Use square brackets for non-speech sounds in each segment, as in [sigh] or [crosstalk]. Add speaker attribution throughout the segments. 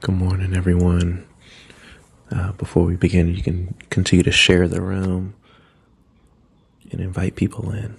Speaker 1: Good morning, everyone. Uh, before we begin, you can continue to share the room and invite people in.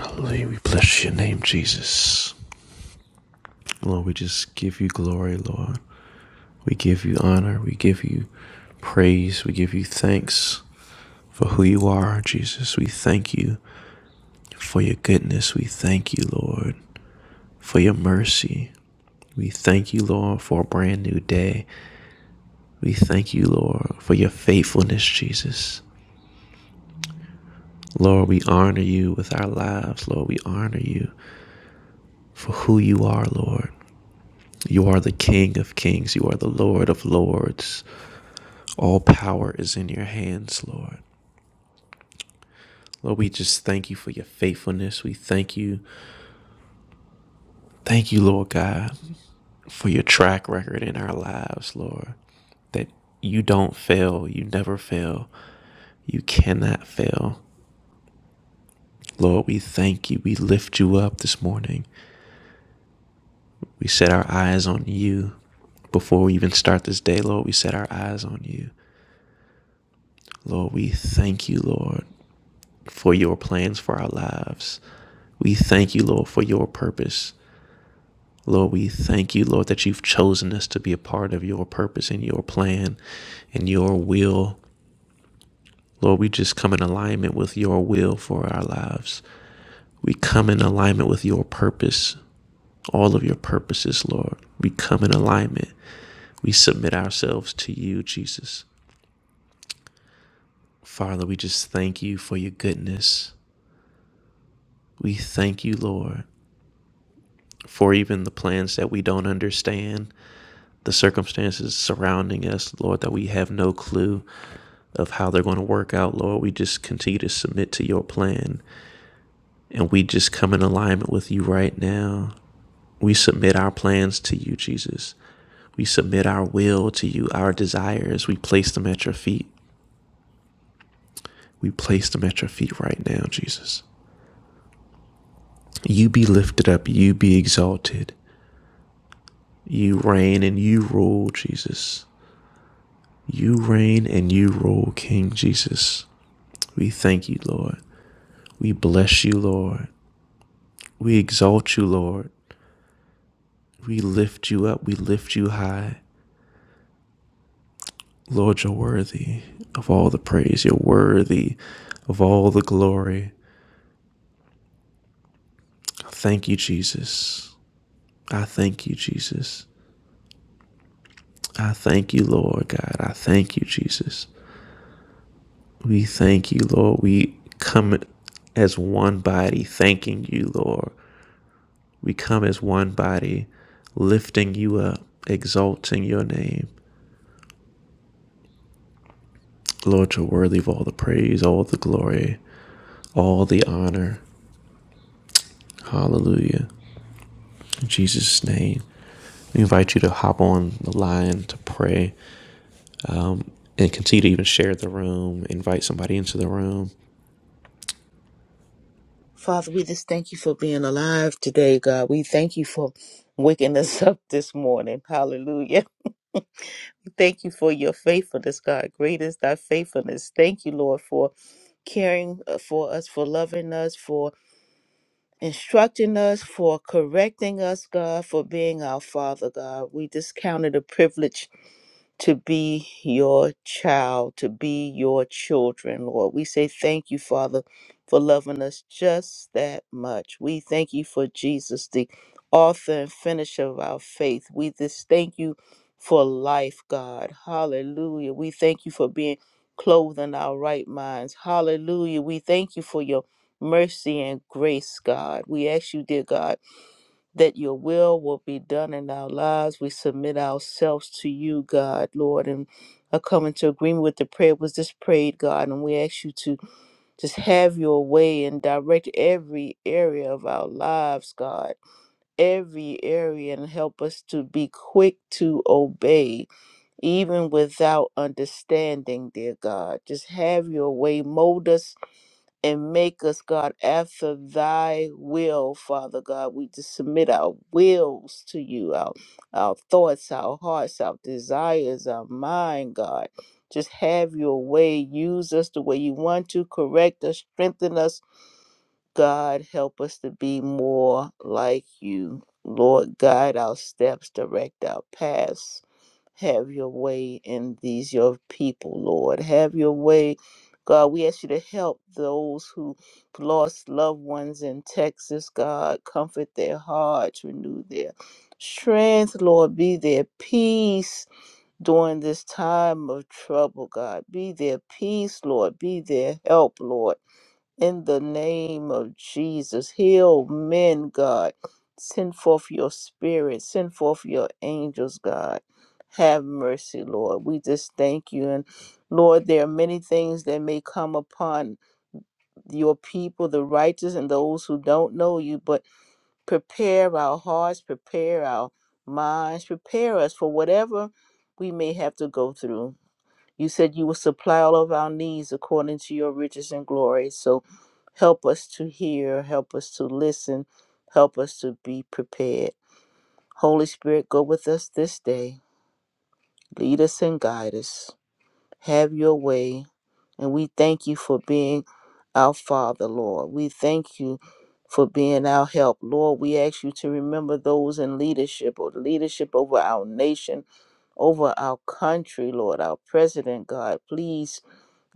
Speaker 1: Hallelujah. We bless your name, Jesus. Lord, we just give you glory, Lord. We give you honor. We give you praise. We give you thanks for who you are, Jesus. We thank you for your goodness. We thank you, Lord, for your mercy. We thank you, Lord, for a brand new day. We thank you, Lord, for your faithfulness, Jesus. Lord, we honor you with our lives. Lord, we honor you for who you are, Lord. You are the King of kings. You are the Lord of lords. All power is in your hands, Lord. Lord, we just thank you for your faithfulness. We thank you. Thank you, Lord God, for your track record in our lives, Lord. That you don't fail. You never fail. You cannot fail. Lord, we thank you. We lift you up this morning. We set our eyes on you. Before we even start this day, Lord, we set our eyes on you. Lord, we thank you, Lord, for your plans for our lives. We thank you, Lord, for your purpose. Lord, we thank you, Lord, that you've chosen us to be a part of your purpose and your plan and your will. Lord, we just come in alignment with your will for our lives. We come in alignment with your purpose, all of your purposes, Lord. We come in alignment. We submit ourselves to you, Jesus. Father, we just thank you for your goodness. We thank you, Lord, for even the plans that we don't understand, the circumstances surrounding us, Lord, that we have no clue of how they're going to work out, Lord. We just continue to submit to your plan and we just come in alignment with you right now. We submit our plans to you, Jesus. We submit our will to you, our desires. We place them at your feet. We place them at your feet right now, Jesus. You be lifted up. You be exalted. You reign and you rule, Jesus. You reign and you rule, King Jesus. We thank you, Lord. We bless you, Lord. We exalt you, Lord. We lift you up. We lift you high. Lord, you're worthy of all the praise. You're worthy of all the glory. Thank you, Jesus. I thank you, Jesus. I thank you, Lord God. I thank you, Jesus. We thank you, Lord. We come as one body, thanking you, Lord, We come as one body, lifting you up, exalting your name. Lord, you're worthy of all the praise, all the glory, all the honor. Hallelujah. In Jesus' name. We invite you to hop on the line to pray um, and continue to even share the room, invite somebody into the room.
Speaker 2: Father, we just thank you for being alive today, God. We thank you for waking us [laughs] up this morning. Hallelujah. [laughs] We thank you for your faithfulness, God. Great is thy faithfulness. Thank you, Lord, for caring uh, for us, for loving us, for instructing us, for correcting us, God, for being our Father, God. We just count it a privilege to be your child, to be your children, Lord. We say thank you, Father, for loving us just that much. We thank you for Jesus, the author and finisher of our faith. We just thank you for life, God. Hallelujah. We thank you for being clothed in our right minds. Hallelujah. We thank you for your mercy and grace, God. We ask you, dear God that your will will be done in our lives. We submit ourselves to you, God, Lord, and I come into agreement with the prayer was just prayed, God, and we ask you to just have your way and direct every area of our lives, God, every area, and help us to be quick to obey, even without understanding, dear God. Just have your way, mold us and make us, God, after thy will, Father God. We just submit our wills to you, our, our thoughts, our hearts, our desires, our mind, God. Just have your way. Use us the way you want to. Correct us, strengthen us, God, help us to be more like you. Lord, guide our steps, direct our paths. Have your way in these, your people, Lord. Have your way. God, we ask you to help those who lost loved ones in Texas, God. Comfort their hearts, renew their strength, Lord. Be their peace during this time of trouble, God. Be their peace, Lord. Be their help, Lord in the name of Jesus. Heal men, God. Send forth your spirit. Send forth your angels, God. Have mercy, Lord. We just thank you. And Lord, there are many things that may come upon your people, the righteous and those who don't know you, but prepare our hearts, prepare our minds, prepare us for whatever we may have to go through. You said you will supply all of our needs according to your riches and glory. So help us to hear, help us to listen, help us to be prepared. Holy Spirit, go with us this day. Lead us and guide us. Have your way. And we thank you for being our Father, Lord. We thank you for being our help. Lord, we ask you to remember those in leadership or leadership over our nation, over our country, Lord, our president, God. Please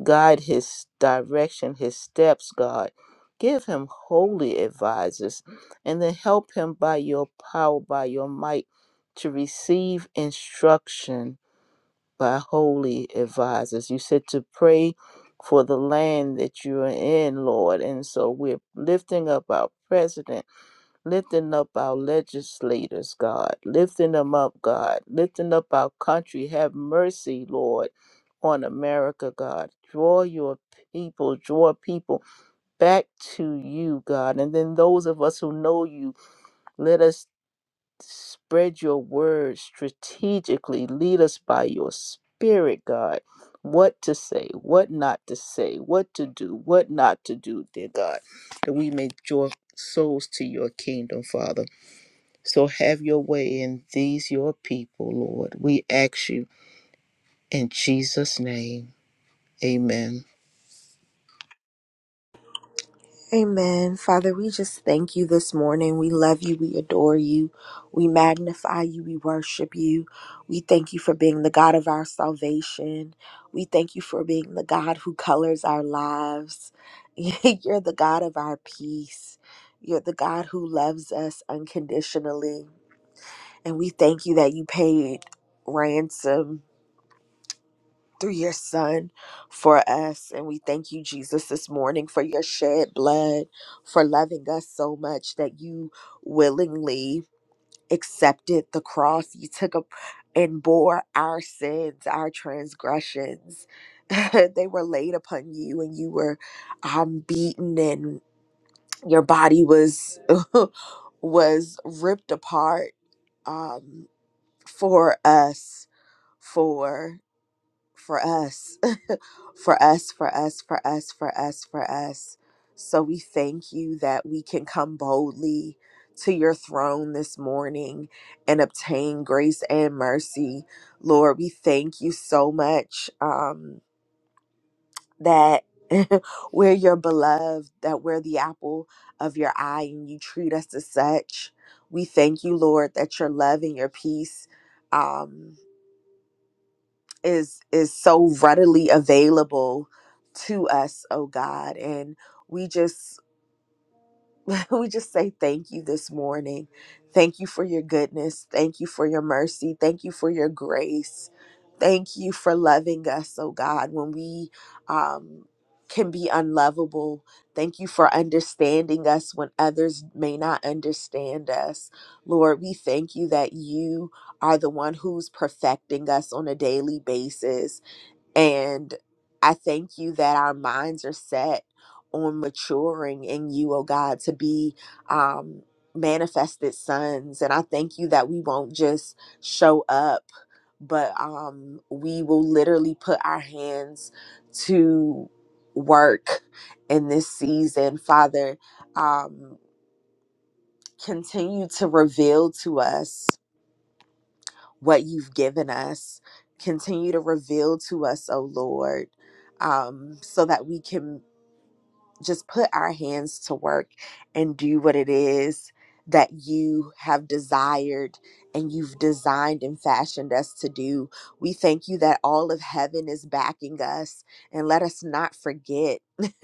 Speaker 2: Guide his direction, his steps, God. Give him holy advisors and then help him by your power, by your might, to receive instruction by holy advisors. You said to pray for the land that you are in, Lord. And so we're lifting up our president lifting up our legislators, God, lifting them up, God, lifting up our country. Have mercy, Lord, on America, God. Draw your people, draw people back to you, God. And then those of us who know you, let us spread your word strategically. Lead us by your spirit, God. What to say, what not to say, what to do, what not to do, dear God, that we may draw souls to your kingdom, Father. So have your way in these, your people, Lord. We ask you in Jesus' name. Amen.
Speaker 3: Amen. Father, we just thank you this morning. We love you. We adore you. We magnify you. We worship you. We thank you for being the God of our salvation. We thank you for being the God who colors our lives. [laughs] You're the God of our peace. You're the God who loves us unconditionally. And we thank you that you paid ransom through your son for us. And we thank you, Jesus, this morning for your shed blood, for loving us so much that you willingly accepted the cross. You took up and bore our sins, our transgressions. [laughs] they were laid upon you, and you were um, beaten, and your body was [laughs] was ripped apart um, for us, for for us for us, for us, for us, for us, for us. So we thank you that we can come boldly to your throne this morning and obtain grace and mercy. Lord, we thank you so much um, that [laughs] we're your beloved, that we're the apple of your eye, and you treat us as such. We thank you, Lord, that your love and your peace. Um, is is so readily available to us oh god and we just [laughs] we just say thank you this morning thank you for your goodness thank you for your mercy thank you for your grace thank you for loving us oh god when we um can be unlovable. Thank you for understanding us when others may not understand us. Lord, we thank you that you are the one who's perfecting us on a daily basis and I thank you that our minds are set on maturing in you, oh God, to be um, manifested sons. And I thank you that we won't just show up, but um, we will literally put our hands to work in this season, Father. Um, continue to reveal to us what you've given us. Continue to reveal to us, oh Lord, um, so that we can just put our hands to work and do what it is that you have desired and you've designed and fashioned us to do. We thank you that all of heaven is backing us. And let us not forget [laughs]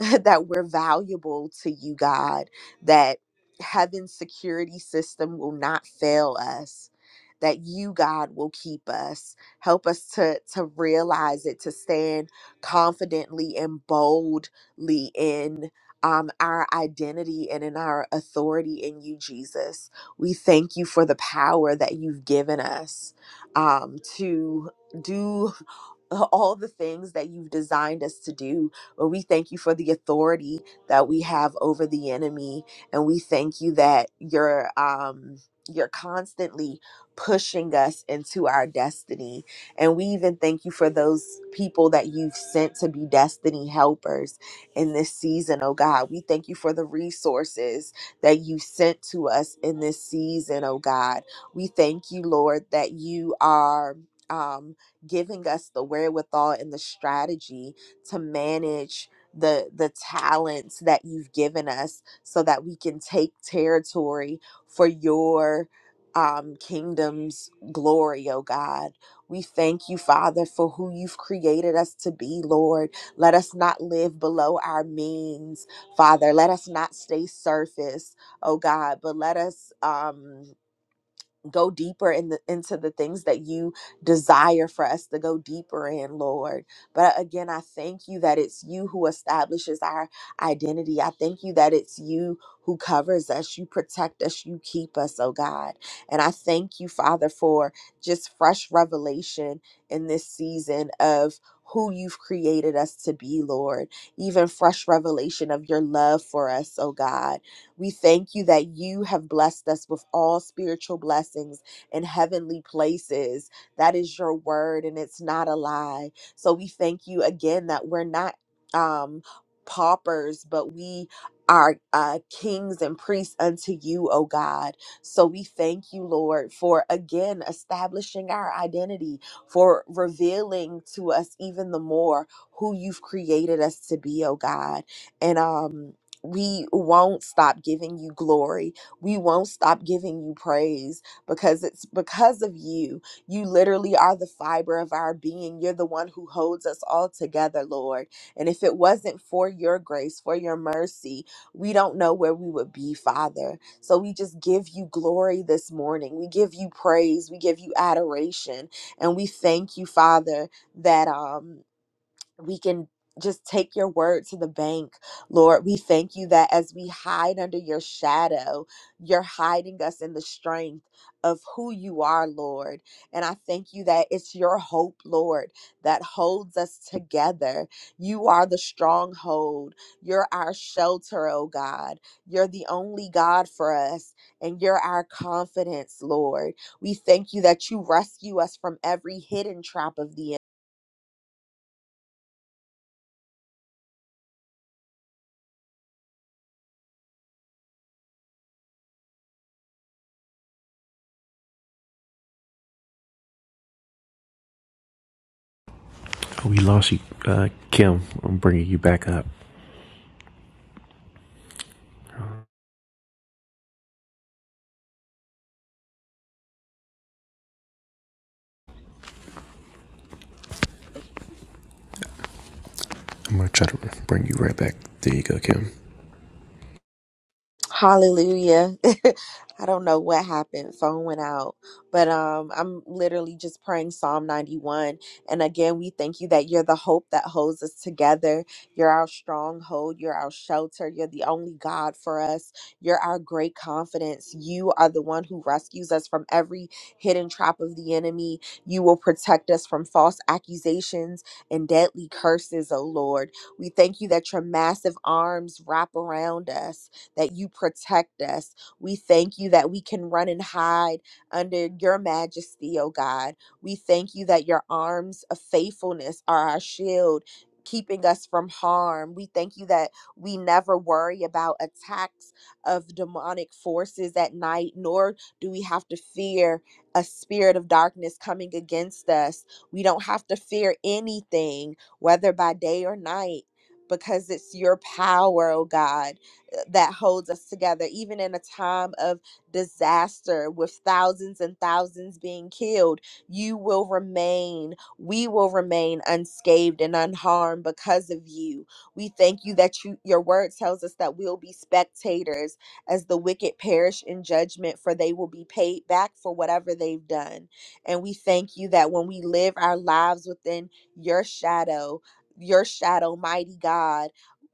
Speaker 3: that we're valuable to you, God, that heaven's security system will not fail us. That you, God, will keep us. Help us to, to realize it, to stand confidently and bold in um, our identity and in our authority in you, Jesus. We thank you for the power that you've given us um, to do. [laughs] all the things that you've designed us to do. Lord, we thank you for the authority that we have over the enemy, and we thank you that you're um, you're constantly pushing us into our destiny. And we even thank you for those people that you've sent to be destiny helpers in this season, oh God. We thank you for the resources that you sent to us in this season, oh God. We thank you, Lord, that you are. Um, giving us the wherewithal and the strategy to manage the the talents that you've given us so that we can take territory for your um, kingdom's glory, oh God. We thank you, Father, for who you've created us to be, Lord. Let us not live below our means, Father. Let us not stay surface, oh God, but let us um go deeper in the, into the things that you desire for us to go deeper in lord but uh, again i thank you that it's you who establishes our identity i thank you that it's you who covers us you protect us you keep us oh god and i thank you father for just fresh revelation in this season of who you've created us to be, Lord. Even fresh revelation of your love for us, oh God we thank you that you have blessed us with all spiritual blessings in heavenly places. That is your word, and it's not a lie. So we thank you again that we're not um, paupers, but we are uh, kings and priests unto you, O God. So we thank you, Lord, for again establishing our identity, for revealing to us even the more who you've created us to be, oh God. And um we won't stop giving you glory. We won't stop giving you praise because it's because of you. You literally are the fiber of our being. You're the one who holds us all together, Lord. And if it wasn't for your grace, for your mercy, we don't know where we would be, Father. So we just give you glory this morning. We give you praise. We give you adoration. And we thank you, Father, that um we can just take your word to the bank. Lord, we thank you that as we hide under your shadow, you're hiding us in the strength of who you are, Lord. And I thank you that it's your hope, Lord, that holds us together. You are the stronghold. You're our shelter, oh God. You're the only God for us, and you're our confidence, Lord. We thank you that you rescue us from every hidden trap of the enemy
Speaker 1: Oh, we lost you, uh, Kim. I'm bringing you back up. I'm going to try to bring you right back. There you go, Kim.
Speaker 3: Hallelujah. [laughs] I don't know what happened. Phone went out. But um I'm literally just praying Psalm 91. And again, we thank you that you're the hope that holds us together. You're our stronghold, you're our shelter, you're the only God for us. You're our great confidence. You are the one who rescues us from every hidden trap of the enemy. You will protect us from false accusations and deadly curses, O Lord. We thank you that your massive arms wrap around us that you protect us. We thank you that we can run and hide under your majesty, oh God. We thank you that your arms of faithfulness are our shield. Keeping us from harm. We thank you that we never worry about attacks of demonic forces at night, nor do we have to fear a spirit of darkness coming against us. We don't have to fear anything, whether by day or night, because it's your power, oh God that holds us together, even in a time of disaster with thousands and thousands being killed. You will remain, we will remain unscathed and unharmed because of you. We thank you that you, your word tells us that we'll be spectators as the wicked perish in judgment, for they will be paid back for whatever they've done. And we thank you that when we live our lives within your shadow, your shadow, mighty God,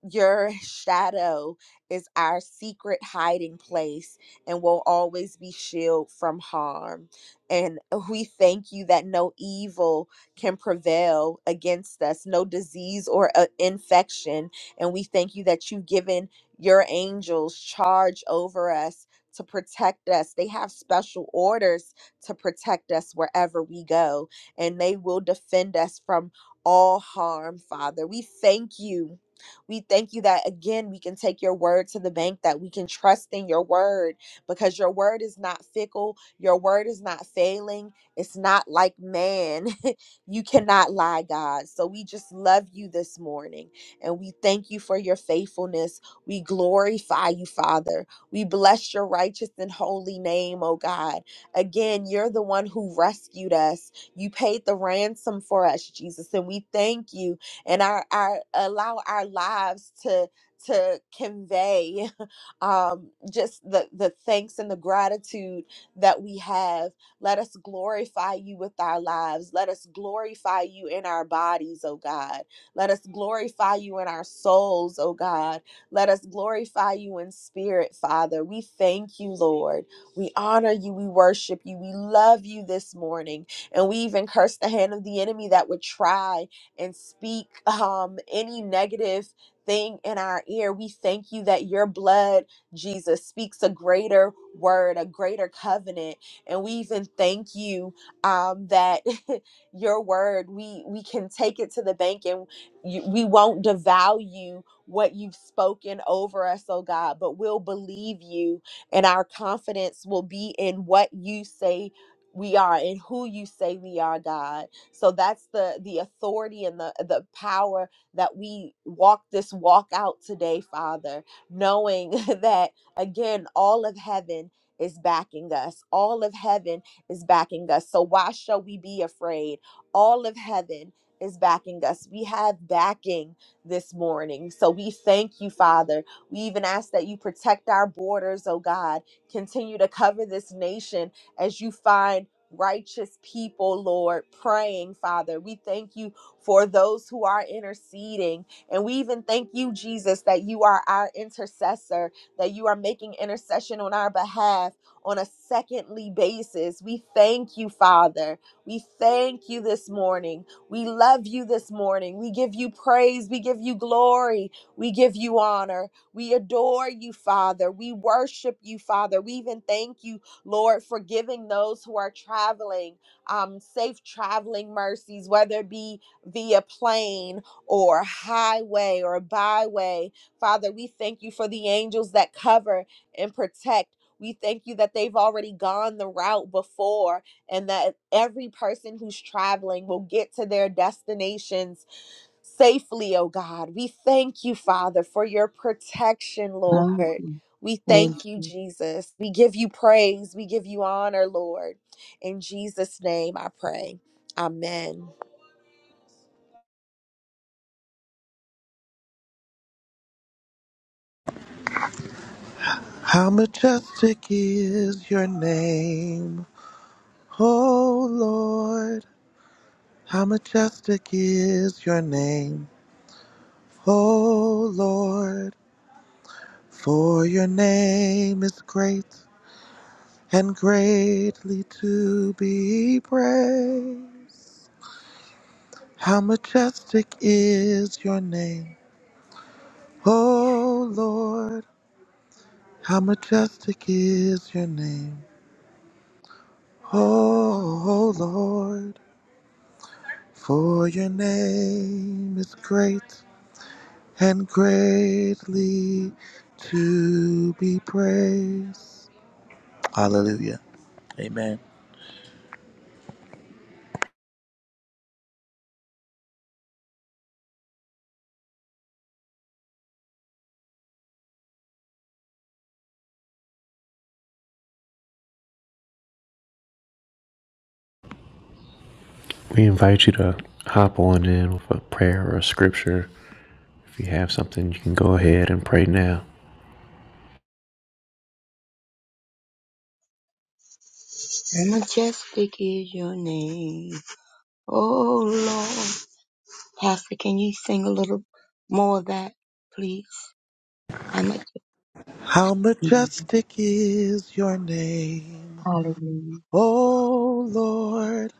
Speaker 3: your shadow is our secret hiding place and will always be shielded from harm. And we thank you that no evil can prevail against us, no disease or uh, infection. And we thank you that you've given your angels charge over us to protect us. They have special orders to protect us wherever we go, and they will defend us from all harm, Father. We thank you we thank you that again, we can take your word to the bank, that we can trust in your word because your word is not fickle, your word is not failing, it's not like man. [laughs] you cannot lie, God. So we just love you this morning and we thank you for your faithfulness. We glorify you, Father. We bless your righteous and holy name, oh God. Again, you're the one who rescued us. You paid the ransom for us, Jesus, and we thank you and our, our allow our lives to to convey [laughs] um, just the the thanks and the gratitude that we have. Let us glorify you with our lives. Let us glorify you in our bodies, oh God. Let us glorify you in our souls, oh God. Let us glorify you in spirit, Father. We thank you, Lord. We honor you. We worship you. We love you this morning. And we even curse the hand of the enemy that would try and speak um, any negative thing in our ear. We thank you that your blood, Jesus, speaks a greater word, a greater covenant. And we even thank you um, that [laughs] your word, we, we can take it to the bank and you, we won't devalue what you've spoken over us, oh God, but we'll believe you and our confidence will be in what you say we are and who you say we are, God. So that's the the authority and the the power that we walk this walk out today, Father, knowing [laughs] that again all of heaven is backing us. All of heaven is backing us. So why shall we be afraid? All of heaven is backing us. We have backing this morning. So we thank you, Father. We even ask that you protect our borders, oh God. Continue to cover this nation as you find righteous people, Lord, praying, Father. We thank you for those who are interceding. And we even thank you, Jesus, that you are our intercessor, that you are making intercession on our behalf on a secondly basis. We thank you, Father. We thank you this morning. We love you this morning. We give you praise. We give you glory. We give you honor. We adore you, Father. We worship you, Father. We even thank you Lord, forgiving those who are traveling, um, safe traveling mercies, whether it be via plane or highway or byway. Father, we thank you for the angels that cover and protect. We thank you that they've already gone the route before and that every person who's traveling will get to their destinations safely, oh God. We thank you, Father, for your protection,
Speaker 4: Thank
Speaker 3: Lord.
Speaker 4: you.
Speaker 3: We
Speaker 4: Thank
Speaker 3: thank you,
Speaker 4: you.
Speaker 3: Jesus. We give you praise. We give you honor, Lord. In Jesus' name I pray. Amen.
Speaker 5: How majestic is your name, O Lord. How majestic is your name, O Lord. For your name is great and greatly to be praised. How majestic is your name, O Lord. How majestic is your name, O Lord. For your name is great and greatly to be praised. Hallelujah. Amen.
Speaker 1: We invite you to hop on in with a prayer or a scripture If you have something, you can go ahead and pray now.
Speaker 4: And majestic is your name. Oh Lord. Pastor, can you sing a little more of that, please? How much?
Speaker 5: How majestic is your name,
Speaker 4: Hallelujah.
Speaker 5: O Lord.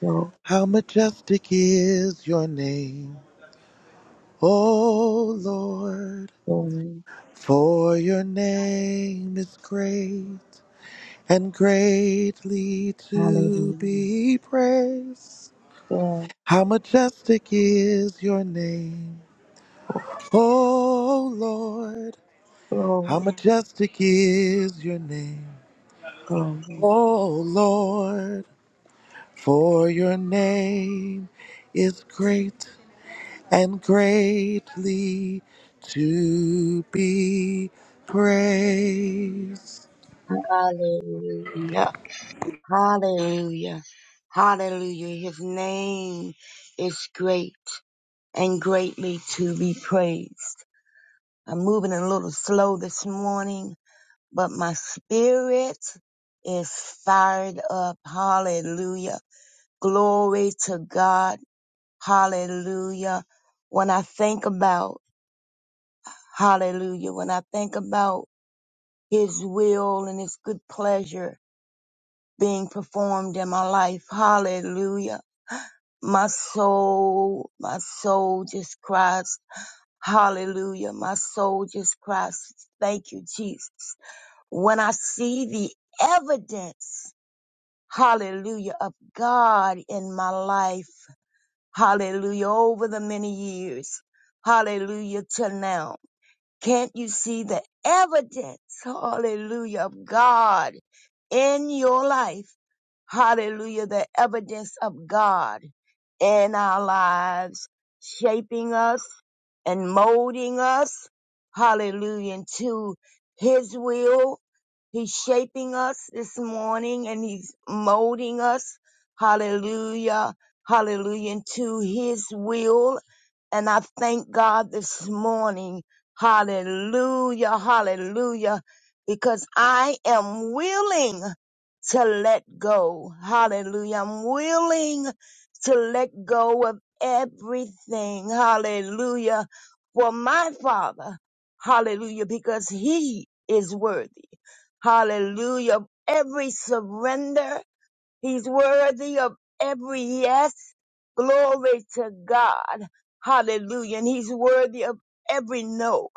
Speaker 4: Glory.
Speaker 5: How majestic is your name, O Lord.
Speaker 4: glory.
Speaker 5: For your name is great and greatly to
Speaker 4: Hallelujah.
Speaker 5: be praised.
Speaker 4: Yes.
Speaker 5: How majestic is your name,
Speaker 4: Oh,
Speaker 5: oh Lord. How
Speaker 4: glory.
Speaker 5: majestic is your name,
Speaker 4: Glory.
Speaker 5: oh Lord. For your name is great and greatly to be praised.
Speaker 4: Hallelujah. Hallelujah. Hallelujah. His name is great and greatly to be praised. I'm moving a little slow this morning but my spirit is fired up. Hallelujah. Glory to God. Hallelujah. When I think about, hallelujah, when I think about his will and his good pleasure being performed in my life, hallelujah. My soul, my soul just cries, hallelujah. My soul just cries, thank you, Jesus. When I see the evidence hallelujah, of God in my life, hallelujah, over the many years, hallelujah, till now. Can't you see the evidence, hallelujah, of God in your life? Hallelujah. The evidence of God in our lives, shaping us and molding us. Hallelujah. Into his will. He's shaping us this morning and he's molding us. Hallelujah. Hallelujah. Into his will. And I thank God this morning. Hallelujah. Hallelujah. Because I am willing to let go. Hallelujah. I'm willing to let go of everything. Hallelujah. For my Father. Hallelujah. Because He is worthy. Hallelujah. Every surrender. He's worthy of every yes. Glory to God. Hallelujah. And he's worthy of every no.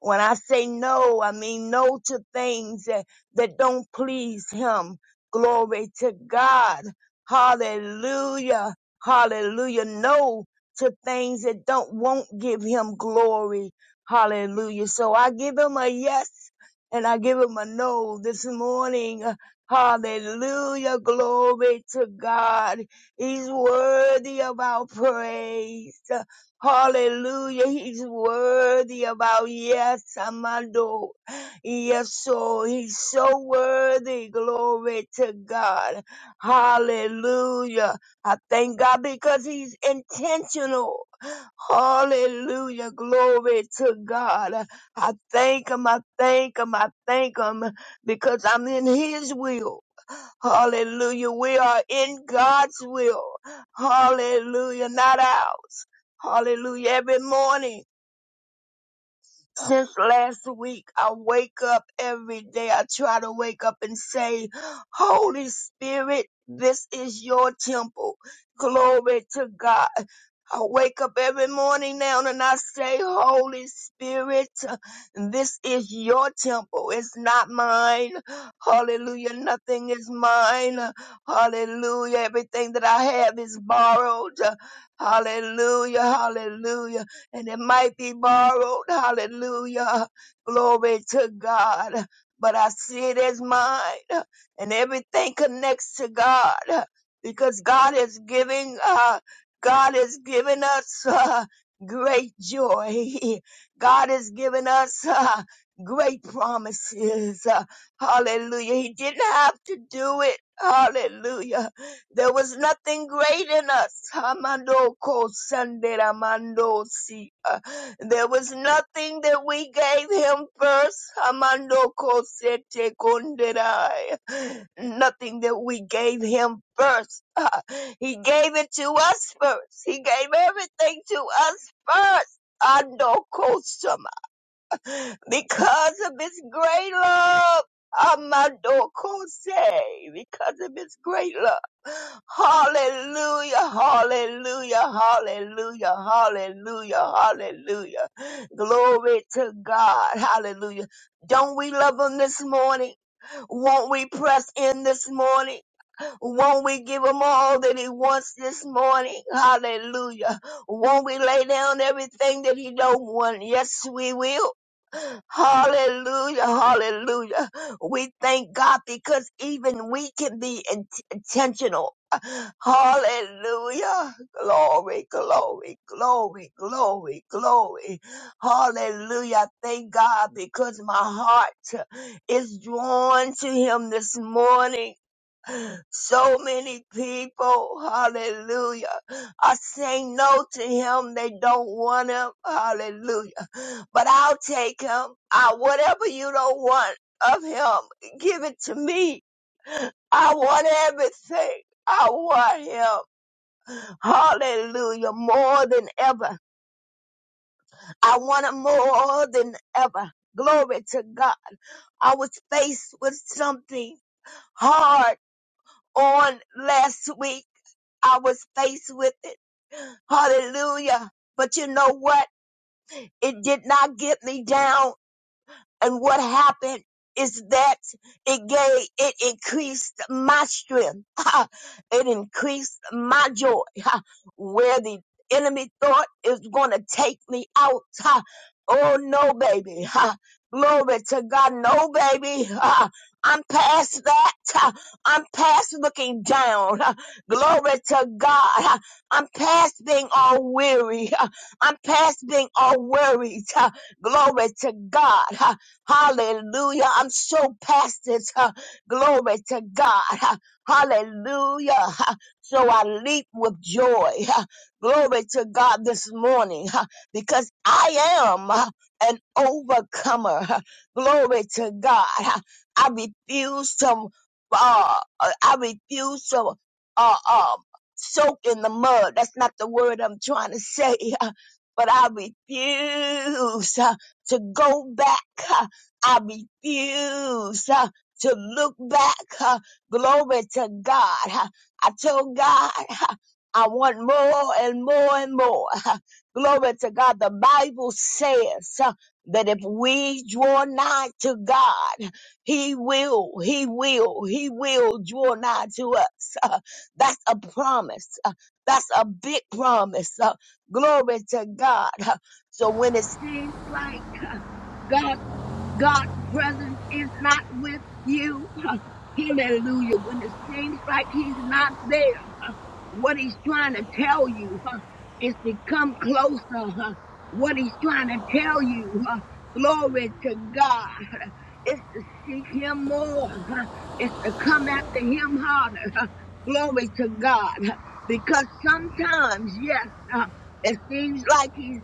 Speaker 4: When I say no, I mean no to things that, that don't please him. Glory to God. Hallelujah. Hallelujah. No to things that don't won't give him glory. Hallelujah. So I give him a yes and I give him a no this morning. Hallelujah. Glory to God. He's worthy of our praise. Hallelujah. He's worthy of our yes, Amado. Yes, so he's so worthy. Glory to God. Hallelujah. I thank God because he's intentional. Hallelujah. Glory to God. I thank him. I thank him. I thank him because I'm in His will. Hallelujah. We are in God's will. Hallelujah. Not ours. Hallelujah. Every morning since last week. I wake up every day. I try to wake up and say, Holy Spirit, this is your temple. Glory to God. I wake up every morning now and I say, Holy Spirit, this is your temple. It's not mine. Hallelujah. Nothing is mine. Hallelujah. Everything that I have is borrowed. Hallelujah. Hallelujah and it might be borrowed. Hallelujah. Glory to God. But I see it as mine, and everything connects to God because God is giving, uh, God is giving us uh, great joy. [laughs] God is giving us uh, great promises. Uh, hallelujah. He didn't have to do it. Hallelujah there was nothing great in us. Hamando ko sanderamando si. Uh, There was nothing that we gave him first. Hamando ko sete konderai. Nothing that we gave him first. [laughs] Uh, He gave it to us first. He gave everything to us first. Ando because of his great love. Amadokose, because of his great love. Hallelujah, hallelujah, hallelujah, hallelujah, hallelujah. Glory to God, hallelujah. Don't we love him this morning? Won't we press in this morning? Won't we give him all that he wants this morning? Hallelujah. Won't we lay down everything that he don't want? Yes, we will. Hallelujah, hallelujah. We thank God because even we can be in- intentional. Hallelujah. Glory, glory, glory, glory, glory. Hallelujah. Thank God because my heart is drawn to him this morning. So many people, hallelujah, are saying no to him. They don't want him, hallelujah. But I'll take him. I, whatever you don't want of him, give it to me. I want everything. I want him, hallelujah, more than ever. I want him more than ever. Glory to God. I was faced with something hard on last week. I was faced with it. Hallelujah. But you know what? It did not get me down. And what happened is that it gave, it increased my strength. [laughs] Ha! It increased my joy. [laughs] Ha! Where the enemy thought it was going to take me out. [laughs] Ha! Oh no, baby. [laughs] Ha! Glory to God. No, baby. [laughs] Ha! I'm past that. [laughs] Ha! I'm past looking down. [laughs] Ha! Glory to God. [laughs] Ha! I'm past being all weary. [laughs] Ha! I'm past being all worried. [laughs] Ha! Glory to God. [laughs] Ha! Hallelujah. I'm so past this. huh, glory to God. huh, hallelujah. huh. so I leap with joy. huh, glory to God this morning huh, because I am huh, an overcomer. huh. glory to God. huh. I refuse to, uh, uh, I refuse to, uh, um, soak in the mud. That's not the word I'm trying to say. huh, but I refuse uh, to go back. huh. I refuse uh, to look back. uh, Glory to God. Uh, I told God uh, I want more and more and more. Uh, Glory to God. The Bible says uh, that if we draw nigh to God, He will, He will, He will draw nigh to us. Uh, That's a promise. Uh, That's a big promise. Uh, Glory to God. Uh, So when it seems like God. God's presence is not with you. [laughs] Hallelujah. When it seems like he's not there, what he's trying to tell you huh, is to come closer. huh. What he's trying to tell you, huh, glory to God, is to seek him more. huh. It's to come after him harder. huh. Glory to God. huh. Because sometimes, yes, huh, it seems like he's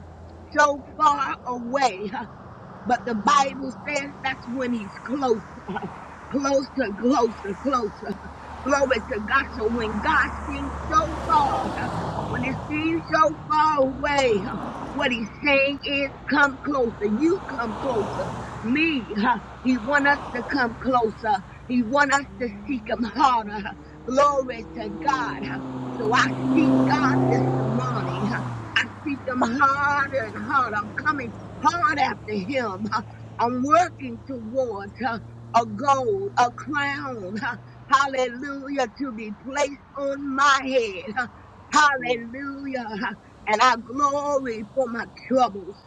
Speaker 4: so far away. huh, But the Bible says that's when he's closest closer, closer, closer. Glory to God. So when God seems so far, when it seems so far away, huh, what he's saying is, come closer. You come closer. Me, huh, he want us to come closer. He want us to seek him harder. huh. Glory to God. huh. So I seek God this morning. huh. I seek him harder and harder. I'm coming hard after him. huh. I'm working towards huh, a gold, a crown. huh. Hallelujah to be placed on my head. huh. Hallelujah. And I glory for my troubles.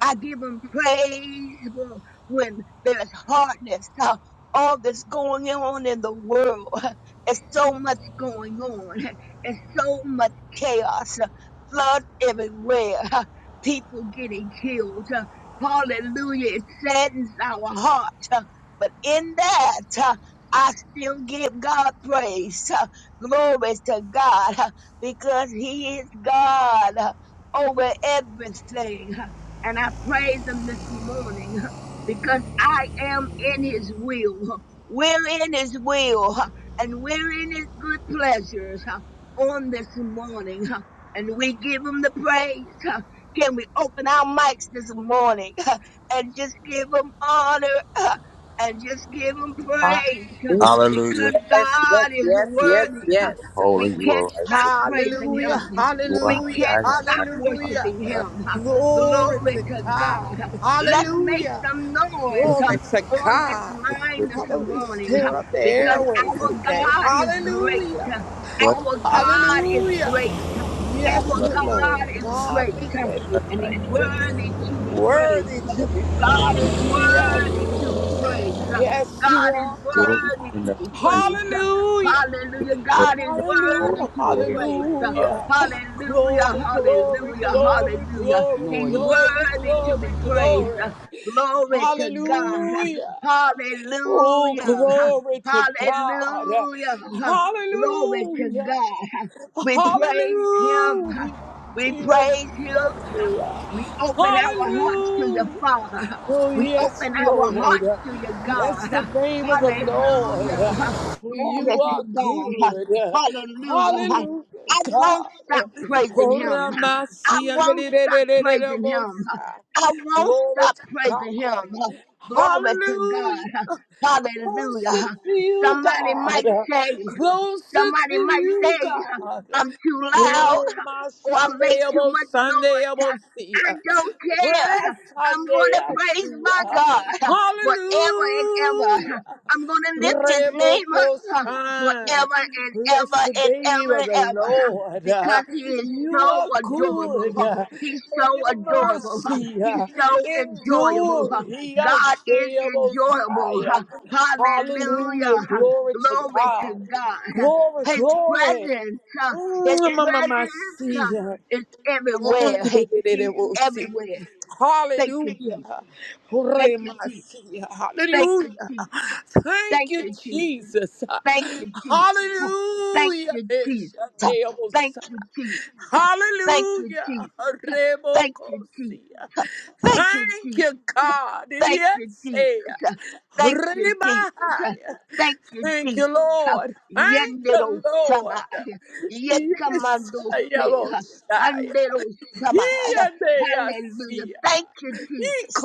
Speaker 4: I give him praise when, when there's hardness. uh, all that's going on in the world. [laughs] There's so much going on. [laughs] There's so much chaos. [laughs] uh, Floods everywhere. [laughs] People getting killed. [laughs] uh, Hallelujah. It saddens our heart. [laughs] uh, But in that, [laughs] uh, I still give God praise. [laughs] uh, Glory to God [laughs] uh, because He is God uh, over everything. And I praise him this morning huh, because I am in his will. huh. We're in his will huh, and we're in his good pleasures huh, on this morning. huh. And we give him the praise. huh. Can we open our mics this morning huh, and just give him honor huh, and just give him praise huh.
Speaker 6: Hallelujah.
Speaker 7: Hallelujah.
Speaker 4: because
Speaker 6: Yes, yes,
Speaker 4: God is
Speaker 6: yes,
Speaker 7: God,
Speaker 6: yes,
Speaker 4: worthy.
Speaker 7: You
Speaker 4: huh.
Speaker 6: yes.
Speaker 7: are holy.
Speaker 4: We
Speaker 7: You are
Speaker 4: can't
Speaker 7: righteous.
Speaker 4: stop praising him.
Speaker 6: Hallelujah,
Speaker 4: huh.
Speaker 7: You are
Speaker 4: We
Speaker 6: hallelujah,
Speaker 4: can't
Speaker 7: high and
Speaker 4: stop
Speaker 7: mighty. my
Speaker 6: hallelujah.
Speaker 4: worshiping
Speaker 7: God.
Speaker 4: him. huh.
Speaker 6: Glory
Speaker 4: Glory
Speaker 6: to
Speaker 4: to
Speaker 6: God.
Speaker 4: God. Let's make
Speaker 6: Hallelujah.
Speaker 4: some
Speaker 7: You
Speaker 4: noise uh,
Speaker 6: Glory to
Speaker 4: on this
Speaker 6: God.
Speaker 7: should
Speaker 4: line
Speaker 7: be
Speaker 4: this
Speaker 6: Father, we
Speaker 4: morning uh,
Speaker 6: stir up the
Speaker 4: because
Speaker 6: airways
Speaker 7: glory
Speaker 4: our
Speaker 7: and
Speaker 6: today.
Speaker 4: God is great.
Speaker 6: Hallelujah.
Speaker 4: Uh,
Speaker 7: bless
Speaker 4: Our
Speaker 7: your name
Speaker 4: God is
Speaker 6: Hallelujah.
Speaker 4: great. Uh,
Speaker 7: for
Speaker 4: Our
Speaker 7: the
Speaker 6: Yes,
Speaker 7: love
Speaker 4: God
Speaker 6: Lord.
Speaker 4: is
Speaker 6: God, we
Speaker 4: great. Uh,
Speaker 7: of
Speaker 6: give you
Speaker 7: God.
Speaker 4: And he's
Speaker 6: praise.
Speaker 4: worthy to be
Speaker 7: You
Speaker 6: Worthy
Speaker 4: praised. Uh,
Speaker 7: are
Speaker 6: to be
Speaker 7: thankful for
Speaker 4: God
Speaker 6: praised.
Speaker 7: you
Speaker 4: is
Speaker 6: Yes,
Speaker 4: worthy to be praised. Uh,
Speaker 6: yes, you
Speaker 4: God is
Speaker 6: are God.
Speaker 7: glory
Speaker 4: worthy
Speaker 7: and
Speaker 4: to
Speaker 7: that
Speaker 4: be
Speaker 7: you
Speaker 4: praised. Uh,
Speaker 6: Hallelujah.
Speaker 7: should
Speaker 4: Hallelujah. God is
Speaker 7: deserve all
Speaker 4: worthy
Speaker 6: Hallelujah,
Speaker 7: the
Speaker 4: to be praised. Uh,
Speaker 7: glory.
Speaker 6: hallelujah.
Speaker 4: Hallelujah,
Speaker 6: Glory, glory,
Speaker 4: hallelujah,
Speaker 6: glory,
Speaker 4: hallelujah.
Speaker 6: glory,
Speaker 4: He's
Speaker 8: noise
Speaker 6: glory,
Speaker 4: worthy to be
Speaker 6: glory, glory.
Speaker 4: praised. Glory to God.
Speaker 6: Hallelujah. Oh,
Speaker 4: Hallelujah.
Speaker 6: glory to God.
Speaker 4: Hallelujah. Glory to
Speaker 6: Hallelujah,
Speaker 4: God. We praise him.
Speaker 6: hallelujah.
Speaker 4: We
Speaker 6: Yes,
Speaker 4: praise him.
Speaker 6: yes, yes.
Speaker 4: We open our hearts to your
Speaker 6: Hallelujah.
Speaker 4: Father.
Speaker 6: Oh,
Speaker 4: We
Speaker 6: yes,
Speaker 4: open our
Speaker 6: Lord.
Speaker 4: hearts to your
Speaker 6: Bless
Speaker 4: God.
Speaker 6: the name of the Lord.
Speaker 4: Hallelujah.
Speaker 6: For
Speaker 4: Glory
Speaker 6: you are
Speaker 4: to God.
Speaker 6: good.
Speaker 4: Hallelujah.
Speaker 6: Hallelujah,
Speaker 4: I won't
Speaker 6: God.
Speaker 4: stop praising
Speaker 6: Oh,
Speaker 4: him. I
Speaker 6: Ramasi,
Speaker 4: won't stop praising him.
Speaker 6: andedededededebosa.
Speaker 4: I won't
Speaker 6: Glory
Speaker 4: stop
Speaker 6: to
Speaker 4: praising him.
Speaker 6: God.
Speaker 4: Glory to God.
Speaker 6: Hallelujah. Closer
Speaker 4: Hallelujah.
Speaker 6: to you,
Speaker 4: Somebody
Speaker 6: God.
Speaker 4: might say,
Speaker 6: Closer to
Speaker 4: somebody might
Speaker 6: you,
Speaker 4: say,
Speaker 6: God.
Speaker 4: I'm too loud or I make too much noise.
Speaker 6: Ramasandeyabosandeyabosea.
Speaker 4: I don't care.
Speaker 6: Press
Speaker 4: I'm going
Speaker 6: Sunday,
Speaker 4: to
Speaker 6: I
Speaker 4: praise
Speaker 6: see
Speaker 4: my
Speaker 6: ya.
Speaker 4: God forever and ever.
Speaker 6: Hallelujah.
Speaker 4: I'm going to lift his name up
Speaker 6: Rebokoshan.
Speaker 4: forever and
Speaker 6: Bless
Speaker 4: ever
Speaker 6: the
Speaker 4: and
Speaker 6: name
Speaker 4: ever
Speaker 6: of
Speaker 4: and
Speaker 6: the
Speaker 4: ever
Speaker 6: Lord.
Speaker 4: because he is
Speaker 6: You
Speaker 4: so
Speaker 6: are good,
Speaker 4: adorable.
Speaker 6: and
Speaker 4: He's so
Speaker 6: your
Speaker 4: adorable.
Speaker 6: mercy
Speaker 4: He's so enjoyable.
Speaker 6: endure.
Speaker 4: God is enjoyable.
Speaker 6: Messiah. Hallelujah.
Speaker 4: Hallelujah.
Speaker 6: Glory to
Speaker 4: Glory to
Speaker 6: God.
Speaker 4: God.
Speaker 6: Glory,
Speaker 4: His
Speaker 6: glory.
Speaker 4: presence, his
Speaker 6: Mm, Mama
Speaker 4: presence
Speaker 6: Masia
Speaker 4: it's everywhere. Hey, he's
Speaker 6: mm
Speaker 4: everywhere. Thank you,
Speaker 6: Hallelujah.
Speaker 4: Jesus. Thank you, Jesus.
Speaker 6: Horemasia.
Speaker 4: Thank you,
Speaker 6: Hallelujah.
Speaker 4: Jesus.
Speaker 6: Thank
Speaker 4: Thank
Speaker 6: you,
Speaker 4: you, Jesus.
Speaker 6: Jesus.
Speaker 4: Thank you, Jesus. Hey, Thank
Speaker 6: Hallelujah.
Speaker 4: you, Jesus. Thank
Speaker 6: Eshaneosa.
Speaker 4: you, Jesus. Hey, Thank you,
Speaker 6: Hallelujah.
Speaker 4: Jesus. Thank you,
Speaker 6: Remokosia.
Speaker 4: Jesus. Thank you,
Speaker 6: Thank
Speaker 4: Jesus.
Speaker 6: you, God.
Speaker 4: Thank you,
Speaker 6: Yes.
Speaker 4: Jesus. Thank
Speaker 6: Remahaya.
Speaker 4: you, Jesus. Thank you,
Speaker 6: Thank you,
Speaker 4: Jesus.
Speaker 6: Lord. Thank
Speaker 4: Yendero
Speaker 6: you, Lord.
Speaker 4: sama,
Speaker 6: Yes.
Speaker 4: yekamando se,
Speaker 6: Yabosa.
Speaker 4: andero sama. Hallelujah.
Speaker 6: Hiyadeyasia.
Speaker 4: Thank you, Jesus.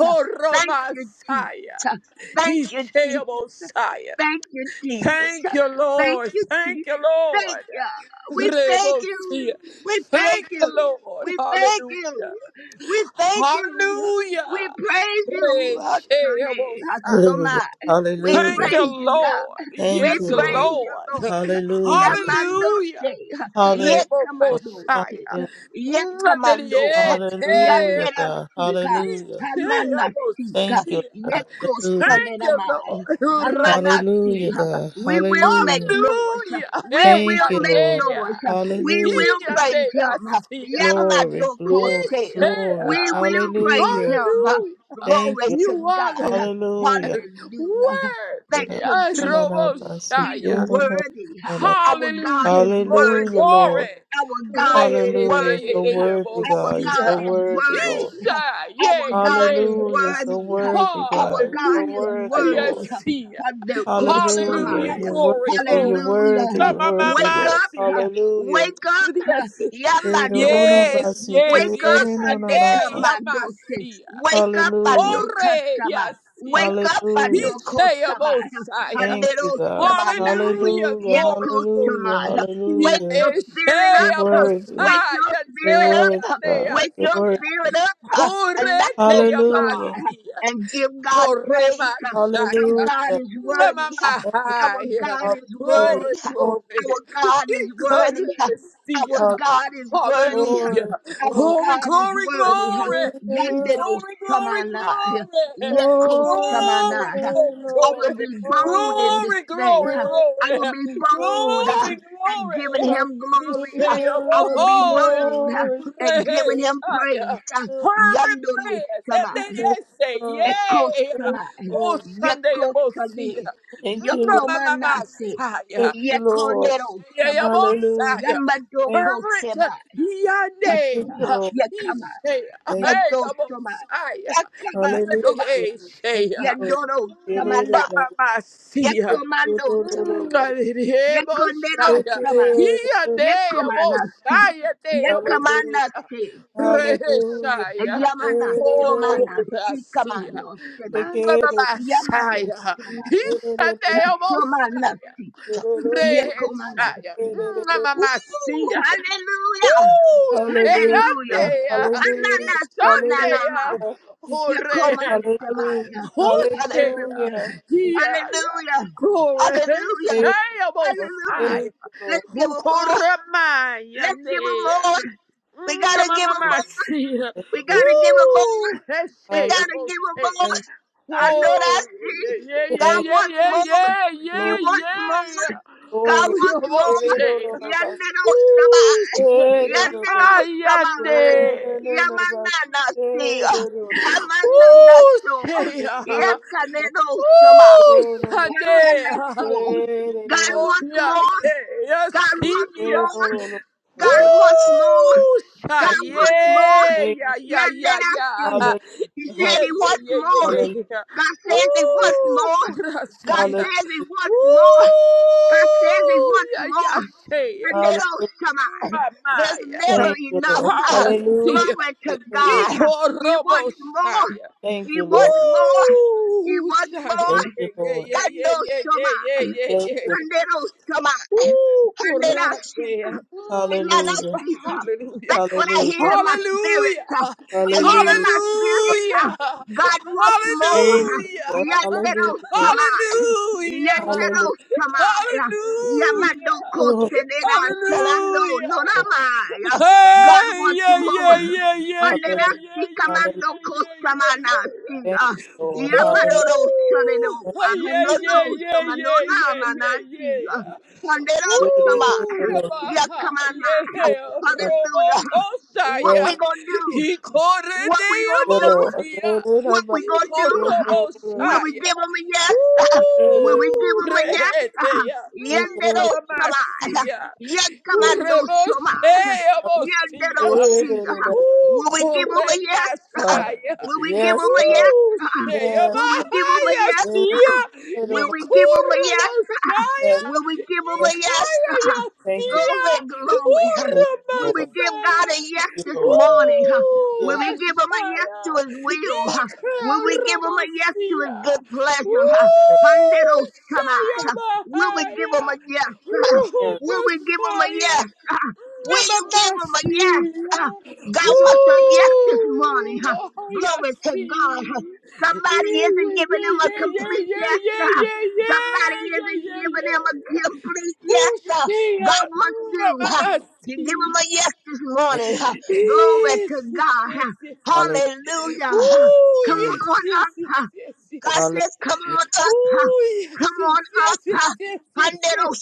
Speaker 4: Thank you, Jesus. Thank you, Jesus.
Speaker 6: Ishebosaya.
Speaker 4: Thank you, Jesus.
Speaker 6: Thank you,
Speaker 4: Thank
Speaker 6: Lord.
Speaker 4: you,
Speaker 6: Thank you,
Speaker 4: Jesus. Thank
Speaker 6: Lord.
Speaker 4: you. We thank
Speaker 6: Rebosia.
Speaker 4: you. We thank
Speaker 6: Thank you,
Speaker 4: you.
Speaker 6: Lord.
Speaker 4: We thank
Speaker 6: Hallelujah.
Speaker 4: you. We thank you. We
Speaker 6: Hallelujah.
Speaker 4: praise you. What's your name?
Speaker 6: Reshebosaya.
Speaker 2: Hallelujah.
Speaker 4: Hasoma. We
Speaker 6: Thank
Speaker 2: Hallelujah.
Speaker 6: you,
Speaker 4: praise you,
Speaker 6: Lord.
Speaker 4: we
Speaker 2: Thank
Speaker 6: Yes,
Speaker 2: you, Lord.
Speaker 4: praise you,
Speaker 6: Lord.
Speaker 4: Lord.
Speaker 2: Hallelujah, God.
Speaker 4: Yamando
Speaker 6: Hallelujah.
Speaker 4: se,
Speaker 2: Hallelujah. Lord.
Speaker 4: yekamando
Speaker 6: Rebokoshaya.
Speaker 2: Hallelujah.
Speaker 4: se, yekamando,
Speaker 2: Hallelujah,
Speaker 6: Mwanelietea.
Speaker 4: yandera
Speaker 2: God.
Speaker 4: sika,
Speaker 2: Hallelujah.
Speaker 4: hamana sika,
Speaker 2: Thank you,
Speaker 6: Isheabosia.
Speaker 2: Lord.
Speaker 4: yeko
Speaker 2: Hallelujah.
Speaker 6: Thank you,
Speaker 4: salenamai,
Speaker 6: Lord.
Speaker 4: hamana
Speaker 2: Hallelujah,
Speaker 4: sika.
Speaker 6: Rebasia.
Speaker 2: God.
Speaker 4: We will make
Speaker 2: Hallelujah.
Speaker 4: noise.
Speaker 6: Hallelujah.
Speaker 4: We
Speaker 6: Hey,
Speaker 2: Thank
Speaker 4: will
Speaker 2: you,
Speaker 4: make
Speaker 2: Lord.
Speaker 6: Adea.
Speaker 4: noise. We
Speaker 2: Hallelujah.
Speaker 4: will praise
Speaker 6: Yadea,
Speaker 4: him.
Speaker 6: Sia.
Speaker 2: Glory,
Speaker 4: Yamado
Speaker 2: glory,
Speaker 4: kose.
Speaker 6: Ishea.
Speaker 2: glory.
Speaker 4: We will praise
Speaker 2: Hallelujah.
Speaker 4: him.
Speaker 6: Hallelujah.
Speaker 2: Thank
Speaker 4: Glory
Speaker 2: you.
Speaker 4: to
Speaker 6: You are the
Speaker 4: God.
Speaker 2: Hallelujah.
Speaker 4: Hallelujah.
Speaker 6: word.
Speaker 4: Thank you, Jesus.
Speaker 2: Hallelujah,
Speaker 4: He's
Speaker 6: Roboshaya.
Speaker 4: worthy. Our God
Speaker 6: Hallelujah,
Speaker 4: is
Speaker 6: glory,
Speaker 4: worthy.
Speaker 6: glory,
Speaker 2: Lord.
Speaker 4: Our God is
Speaker 6: re
Speaker 2: Hallelujah. So
Speaker 4: worthy.
Speaker 6: de
Speaker 2: worthy,
Speaker 4: Our
Speaker 2: God. You're
Speaker 4: God
Speaker 2: so
Speaker 6: yasía,
Speaker 4: is
Speaker 2: worthy,
Speaker 4: worthy.
Speaker 2: Lord.
Speaker 6: isa, yeah,
Speaker 4: Our God is
Speaker 2: Hallelujah.
Speaker 6: yeah.
Speaker 2: So
Speaker 4: worthy.
Speaker 2: worthy,
Speaker 4: Our
Speaker 2: God. You're
Speaker 4: God
Speaker 2: so
Speaker 6: Hallelujah,
Speaker 4: is
Speaker 2: worthy, Lord.
Speaker 4: worthy.
Speaker 6: yasía.
Speaker 2: Hallelujah.
Speaker 6: Hallelujah,
Speaker 2: You're
Speaker 6: glory,
Speaker 2: worthy. You're
Speaker 6: glory,
Speaker 4: Hallelujah.
Speaker 2: worthy.
Speaker 6: ma
Speaker 4: Hallelujah.
Speaker 2: You're
Speaker 6: ma ma
Speaker 2: worthy,
Speaker 4: Wake
Speaker 6: ma,
Speaker 2: Lord.
Speaker 4: up.
Speaker 2: Hallelujah.
Speaker 4: Wake up.
Speaker 6: yasía,
Speaker 4: Yamandoke.
Speaker 6: yes, yes,
Speaker 4: Wake up.
Speaker 6: yes, ella,
Speaker 4: Adekamandose.
Speaker 6: yasía,
Speaker 4: Wake up.
Speaker 2: Hallelujah.
Speaker 6: oh re,
Speaker 4: Andokasama.
Speaker 6: yasía,
Speaker 4: Wake up.
Speaker 2: Hallelujah.
Speaker 6: isa,
Speaker 4: Andokosama.
Speaker 6: yasía.
Speaker 2: Thank you,
Speaker 4: Handero
Speaker 2: God.
Speaker 6: Hallelujah,
Speaker 2: Hallelujah.
Speaker 6: glory, glory.
Speaker 2: Hallelujah.
Speaker 4: Yakushamaya.
Speaker 6: Yeah,
Speaker 4: Wake
Speaker 2: Hallelujah.
Speaker 4: your
Speaker 6: eh, say,
Speaker 4: spirit
Speaker 2: You're
Speaker 6: i
Speaker 4: up.
Speaker 2: worthy.
Speaker 4: Wake
Speaker 6: Messiah,
Speaker 4: your
Speaker 2: You're
Speaker 6: say,
Speaker 4: spirit
Speaker 2: worthy,
Speaker 4: up.
Speaker 6: say, I
Speaker 2: God.
Speaker 4: Wake
Speaker 2: You're
Speaker 4: your
Speaker 6: see.
Speaker 2: worthy.
Speaker 4: spirit up.
Speaker 6: Ore,
Speaker 4: And
Speaker 6: te,
Speaker 2: Hallelujah.
Speaker 4: Yakushamaya.
Speaker 6: amasi.
Speaker 4: And give God
Speaker 6: Ore,
Speaker 4: praise. Our
Speaker 6: mashaya.
Speaker 2: Hallelujah.
Speaker 4: God is worthy.
Speaker 2: Thank you.
Speaker 4: Our
Speaker 6: Mwah-mah-mah.
Speaker 4: God is
Speaker 2: Hallelujah.
Speaker 4: worthy.
Speaker 6: Glory, glory.
Speaker 4: Our God is worthy. Our
Speaker 6: Ikaresia.
Speaker 2: Glory,
Speaker 4: God is worthy.
Speaker 6: Hallelujah.
Speaker 2: glory, glory,
Speaker 4: Our
Speaker 2: glory.
Speaker 6: Glory,
Speaker 4: God is
Speaker 6: glory,
Speaker 4: worthy.
Speaker 6: glory.
Speaker 2: Hallelujah.
Speaker 4: Yandero
Speaker 6: Glory, glory,
Speaker 4: Samana.
Speaker 6: glory.
Speaker 4: Yeko
Speaker 2: Glory to your
Speaker 6: Glory,
Speaker 4: samana.
Speaker 2: name,
Speaker 6: glory,
Speaker 4: I
Speaker 6: glory.
Speaker 4: will
Speaker 2: Lord.
Speaker 4: be bold in
Speaker 2: Glory
Speaker 4: this
Speaker 6: Glory,
Speaker 2: to
Speaker 4: thing.
Speaker 6: glory,
Speaker 4: I
Speaker 6: glory.
Speaker 4: will be bold uh,
Speaker 6: Glory,
Speaker 4: at giving
Speaker 6: glory.
Speaker 4: him
Speaker 6: He
Speaker 2: your
Speaker 4: glory. uh,
Speaker 6: say,
Speaker 4: I will
Speaker 2: name, Lord.
Speaker 4: be
Speaker 2: Glory.
Speaker 6: oh,
Speaker 2: Hallelujah.
Speaker 4: bold uh,
Speaker 2: Glory
Speaker 4: at
Speaker 2: to
Speaker 4: giving him
Speaker 6: Shaya.
Speaker 4: praise. uh,
Speaker 2: your name.
Speaker 6: Fervent prayers. And
Speaker 4: Yandorosama,
Speaker 2: Yes,
Speaker 6: then I say,
Speaker 2: God.
Speaker 6: Yay.
Speaker 2: Yes,
Speaker 4: Ekosama,
Speaker 6: Oh,
Speaker 2: Lord.
Speaker 6: Sunday, I will see
Speaker 4: Yekosane,
Speaker 6: ya.
Speaker 2: Thank you, Lord.
Speaker 4: Yokomanase,
Speaker 6: Messiah.
Speaker 2: Thank you, Lord.
Speaker 6: Shaya,
Speaker 4: Yekonderosama,
Speaker 2: Hallelujah.
Speaker 6: Messiah.
Speaker 2: Thank
Speaker 6: Fervent
Speaker 4: Yamadokosema,
Speaker 2: you,
Speaker 4: Tasoma,
Speaker 6: Yande.
Speaker 2: Lord.
Speaker 6: He
Speaker 4: Yakama,
Speaker 6: say,
Speaker 4: Yadosoma,
Speaker 6: Hey,
Speaker 4: Yakama
Speaker 6: Messiah.
Speaker 2: Hallelujah.
Speaker 4: Soba,
Speaker 6: Hey,
Speaker 2: Thank
Speaker 6: Shaya.
Speaker 2: you,
Speaker 4: Yadoro Samanda,
Speaker 6: Messiah.
Speaker 4: Yekomando
Speaker 2: Lord.
Speaker 6: Mosaya.
Speaker 4: Yekonderosama,
Speaker 6: Hiya
Speaker 4: Yekomanasi,
Speaker 6: Mosaya Dea
Speaker 2: Hallelujah.
Speaker 6: Mosia.
Speaker 4: Yekamanasi,
Speaker 2: Hallelujah.
Speaker 6: Reshaya. Oh,
Speaker 4: Yamanasomanasi,
Speaker 6: Rasia.
Speaker 4: Kamanosema,
Speaker 6: Mosaya.
Speaker 4: Yamanosoma,
Speaker 6: Hiya Dea Mosaya.
Speaker 4: Somanasi,
Speaker 6: Reshaya.
Speaker 4: Yekomanasi. Ooh,
Speaker 6: Mamasia.
Speaker 4: hallelujah!
Speaker 6: Ooh, Shea
Speaker 4: Hallelujah!
Speaker 2: Hallelujah.
Speaker 6: Dea.
Speaker 2: Hallelujah.
Speaker 4: Ananasonanama,
Speaker 2: Hallelujah. Hallelujah.
Speaker 6: Ishandea.
Speaker 2: Hallelujah.
Speaker 4: Yekomasemaya.
Speaker 6: Oh shit.
Speaker 4: Hallelujah!
Speaker 2: We
Speaker 6: Yeah, yeah.
Speaker 4: Hallelujah!
Speaker 6: Glory.
Speaker 4: Hallelujah!
Speaker 2: Thank
Speaker 6: Hey, almost.
Speaker 4: Hallelujah!
Speaker 6: I.
Speaker 2: you, Lord.
Speaker 4: Let's give
Speaker 6: Who
Speaker 4: 'em more. Let's give him more. We gotta give him
Speaker 6: Mama
Speaker 4: more.
Speaker 6: see.
Speaker 2: Thank
Speaker 4: We
Speaker 2: you, Lord. Thank you, Lord.
Speaker 4: gotta give him more.
Speaker 6: Woo. Hey,
Speaker 4: We
Speaker 6: say
Speaker 2: Hallelujah.
Speaker 4: gotta
Speaker 6: almost.
Speaker 4: give him more.
Speaker 2: Thank you,
Speaker 4: I
Speaker 2: Jesus.
Speaker 4: know
Speaker 6: Oh,
Speaker 4: that's it.
Speaker 6: yeah, yeah,
Speaker 4: God
Speaker 2: Thank
Speaker 6: yeah,
Speaker 4: wants
Speaker 6: yeah,
Speaker 4: more.
Speaker 6: yeah,
Speaker 2: you, Lord.
Speaker 4: He
Speaker 6: yeah, yeah,
Speaker 4: wants more.
Speaker 6: yeah.
Speaker 4: God
Speaker 2: Glory.
Speaker 6: Oh, yeah,
Speaker 4: wants more.
Speaker 6: almost say.
Speaker 2: Hallelujah.
Speaker 4: Yandero sama.
Speaker 6: Woo,
Speaker 2: Hallelujah.
Speaker 6: say.
Speaker 4: Yandero
Speaker 6: I
Speaker 4: sama.
Speaker 6: am
Speaker 2: Hallelujah.
Speaker 6: there.
Speaker 4: Yamanana si. Hamanana so.
Speaker 6: Woo, say.
Speaker 4: Yakanero sama.
Speaker 6: Woo! Shade!
Speaker 4: Hamana so. God wants
Speaker 6: Onya
Speaker 4: more. God wants
Speaker 6: Keyasiya!
Speaker 4: more. God wants more.
Speaker 6: Woo!
Speaker 4: God
Speaker 6: Shaye!
Speaker 4: wants more.
Speaker 6: Ya [laughs] ya
Speaker 4: Yeah,
Speaker 6: ya ya!
Speaker 4: let us see. He said
Speaker 6: Yeah yeah
Speaker 4: he
Speaker 6: yeah
Speaker 4: wants
Speaker 6: yeah yeah! [laughs] yeah. yeah, yeah, yeah,
Speaker 4: more.
Speaker 6: yeah, yeah.
Speaker 4: God says he wants
Speaker 6: Woo!
Speaker 4: more. God
Speaker 6: Kurasiya!
Speaker 4: says he wants more. God says he
Speaker 6: Woo!
Speaker 4: wants
Speaker 6: Ya ya
Speaker 4: more.
Speaker 6: sheya!
Speaker 4: And they don't
Speaker 2: Hallelujah.
Speaker 4: come out. There's
Speaker 6: Mamaya!
Speaker 4: never
Speaker 2: Thank you,
Speaker 4: enough.
Speaker 2: Lord.
Speaker 4: [laughs] Ah,
Speaker 2: Hallelujah.
Speaker 6: Hayasiya!
Speaker 4: Glory to God. He
Speaker 6: Ikorobo
Speaker 4: wants more.
Speaker 2: Thank
Speaker 4: He
Speaker 2: you, Lord.
Speaker 4: wants more. He
Speaker 6: Woo! [laughs]
Speaker 4: wants
Speaker 6: Yeah,
Speaker 2: Thank
Speaker 4: more.
Speaker 2: you,
Speaker 6: yeah,
Speaker 2: Lord.
Speaker 6: yeah,
Speaker 4: God
Speaker 6: yeah,
Speaker 4: knows
Speaker 6: yeah,
Speaker 4: so
Speaker 6: yeah, yeah,
Speaker 4: much.
Speaker 6: yeah,
Speaker 2: Thank
Speaker 6: yeah.
Speaker 2: you,
Speaker 4: And
Speaker 6: yeah.
Speaker 4: they don't come out.
Speaker 6: Woo! [laughs]
Speaker 4: And they
Speaker 2: Lord.
Speaker 4: don't
Speaker 6: Corate.
Speaker 4: see in my
Speaker 6: Mm.
Speaker 4: life,
Speaker 2: Hallelujah.
Speaker 4: Jesus.
Speaker 6: Hallelujah.
Speaker 4: That's what I hear
Speaker 2: Hallelujah.
Speaker 4: in my spirit.
Speaker 6: Hallelujah.
Speaker 4: uh, I hear in
Speaker 2: Hallelujah.
Speaker 4: my spirit, uh,
Speaker 6: Hallelujah.
Speaker 4: God wants more.
Speaker 2: Thank
Speaker 4: uh,
Speaker 2: you,
Speaker 6: Hallelujah.
Speaker 2: Lord.
Speaker 4: Yandero
Speaker 2: Hallelujah.
Speaker 4: Shama, Yandero
Speaker 2: Hallelujah.
Speaker 4: Shama, uh,
Speaker 6: Hallelujah.
Speaker 4: Yamando
Speaker 2: Oh,
Speaker 6: Hallelujah.
Speaker 4: Kosenera
Speaker 2: thank
Speaker 4: Chalando
Speaker 6: Hallelujah.
Speaker 2: you.
Speaker 4: Norama. uh, God
Speaker 6: Hey,
Speaker 4: wants
Speaker 6: yeah, yeah,
Speaker 4: more.
Speaker 6: yeah, yeah, yeah,
Speaker 2: Lord.
Speaker 4: Pandera
Speaker 6: yeah,
Speaker 2: Hallelujah.
Speaker 6: yeah, yeah,
Speaker 2: Hallelujah.
Speaker 4: Sikamando
Speaker 6: yeah, yeah,
Speaker 4: Kosamana,
Speaker 6: yeah. yeah.
Speaker 2: Thank
Speaker 4: Siga.
Speaker 2: you, Lord.
Speaker 6: Woo! [laughs]
Speaker 2: Hallelujah.
Speaker 4: Yamadoro Shanero,
Speaker 6: Yeah,
Speaker 4: Amanono
Speaker 6: yeah, yeah, yeah,
Speaker 4: Samanona
Speaker 6: yeah,
Speaker 4: Manasi,
Speaker 6: yeah,
Speaker 4: uh,
Speaker 6: yeah.
Speaker 4: Pandero
Speaker 2: Good is
Speaker 6: Woo!
Speaker 4: Shama.
Speaker 2: the Lord.
Speaker 4: Yeah,
Speaker 6: Yamaha!
Speaker 4: come on now.
Speaker 2: Good
Speaker 6: Yeah!
Speaker 2: and
Speaker 4: Hallelujah.
Speaker 6: Robocosa!
Speaker 4: What
Speaker 6: Yeah!
Speaker 4: we
Speaker 2: Yes,
Speaker 4: gonna do?
Speaker 6: He corre
Speaker 4: What
Speaker 6: de
Speaker 4: we gonna
Speaker 2: the
Speaker 4: do?
Speaker 2: Lord.
Speaker 6: Yamosia!
Speaker 2: Good is
Speaker 4: What we
Speaker 2: about
Speaker 6: He
Speaker 4: gonna
Speaker 2: you.
Speaker 4: do?
Speaker 2: Good
Speaker 4: Will
Speaker 2: is-
Speaker 4: we
Speaker 6: corrobosa!
Speaker 4: give him a yes?
Speaker 2: good
Speaker 4: Will
Speaker 2: is
Speaker 4: we give
Speaker 6: Woo!
Speaker 4: him a
Speaker 2: about
Speaker 4: yes? [laughs]
Speaker 6: Reheteya.
Speaker 2: you. Good is
Speaker 6: Mm,
Speaker 2: about
Speaker 4: Yendero shama.
Speaker 6: Mamamasia.
Speaker 2: you.
Speaker 4: Yenkamando shama.
Speaker 6: Uremosea
Speaker 4: Yendero
Speaker 6: mosia.
Speaker 2: Good
Speaker 4: shi.
Speaker 2: is about
Speaker 6: Woo!
Speaker 4: Will we give him a yes?
Speaker 2: God.
Speaker 6: Koremasaya.
Speaker 4: [laughs] Will we give
Speaker 2: Yes,
Speaker 4: him a
Speaker 2: Lord.
Speaker 4: yes?
Speaker 6: Woo! Shea
Speaker 4: [laughs]
Speaker 2: Yes.
Speaker 4: Will we give him a
Speaker 6: mahaya
Speaker 4: yes?
Speaker 2: Good is
Speaker 6: sia.
Speaker 2: the
Speaker 4: Will
Speaker 2: Lord.
Speaker 4: we give him a yes?
Speaker 2: Yes,
Speaker 6: Ikuromosaya.
Speaker 4: Will we give him a
Speaker 2: yes.
Speaker 4: yes?
Speaker 6: Ikaya
Speaker 2: Thank you.
Speaker 6: yasia.
Speaker 4: Glory, glory. huh.
Speaker 2: Thank you,
Speaker 4: Will we
Speaker 2: Lord.
Speaker 4: give God
Speaker 6: Uromasaya.
Speaker 4: a yes
Speaker 2: Thank you,
Speaker 4: this
Speaker 2: Lord.
Speaker 4: morning? huh?
Speaker 6: Woo!
Speaker 4: Will
Speaker 2: Yes,
Speaker 4: we give him a yes
Speaker 6: Masaya.
Speaker 4: to his will? huh? Will we give him a yes to his
Speaker 6: Ikaromosia.
Speaker 4: good
Speaker 6: Woo!
Speaker 4: pleasure?
Speaker 2: yes,
Speaker 4: Handeroshamai. Will we give him a
Speaker 6: Shayabahaya!
Speaker 4: yes? huh?
Speaker 2: yes.
Speaker 4: Will we give him a
Speaker 6: Ruhukosaya!
Speaker 4: yes? huh? Will you give him a yes?
Speaker 6: Namamasia!
Speaker 4: huh? God wants a yes this
Speaker 6: Woo!
Speaker 4: morning. huh?
Speaker 6: Yabahaya
Speaker 4: Glory to God.
Speaker 6: si!
Speaker 4: huh?
Speaker 2: Yes.
Speaker 4: Somebody isn't
Speaker 6: Yeah,
Speaker 4: giving
Speaker 6: yeah,
Speaker 4: him a
Speaker 6: yeah, yeah,
Speaker 4: complete
Speaker 6: yeah,
Speaker 4: yes. huh?
Speaker 6: yeah, yeah, yeah,
Speaker 4: Somebody
Speaker 6: yeah,
Speaker 4: isn't
Speaker 6: yeah,
Speaker 4: giving him
Speaker 6: yeah,
Speaker 4: a
Speaker 6: yeah.
Speaker 4: complete yes. huh?
Speaker 6: Hoshea!
Speaker 4: God wants you huh, to give him
Speaker 6: Namamasia!
Speaker 4: a yes this morning. huh. Glory
Speaker 6: Yes,
Speaker 4: to
Speaker 6: yes,
Speaker 4: God.
Speaker 6: yes,
Speaker 4: huh.
Speaker 6: yes, yes.
Speaker 2: Hallelujah.
Speaker 4: Hallelujah. huh.
Speaker 6: Ooh,
Speaker 4: Come
Speaker 6: Yes,
Speaker 4: on
Speaker 6: yes,
Speaker 4: up.
Speaker 6: yes,
Speaker 4: huh?
Speaker 6: yes,
Speaker 4: God
Speaker 6: yes.
Speaker 2: Hallelujah.
Speaker 4: says, come on up. huh?
Speaker 6: Ooh, yes,
Speaker 4: Come
Speaker 6: yes,
Speaker 4: on
Speaker 6: yes,
Speaker 4: up.
Speaker 6: yes,
Speaker 4: huh?
Speaker 6: yes, yes,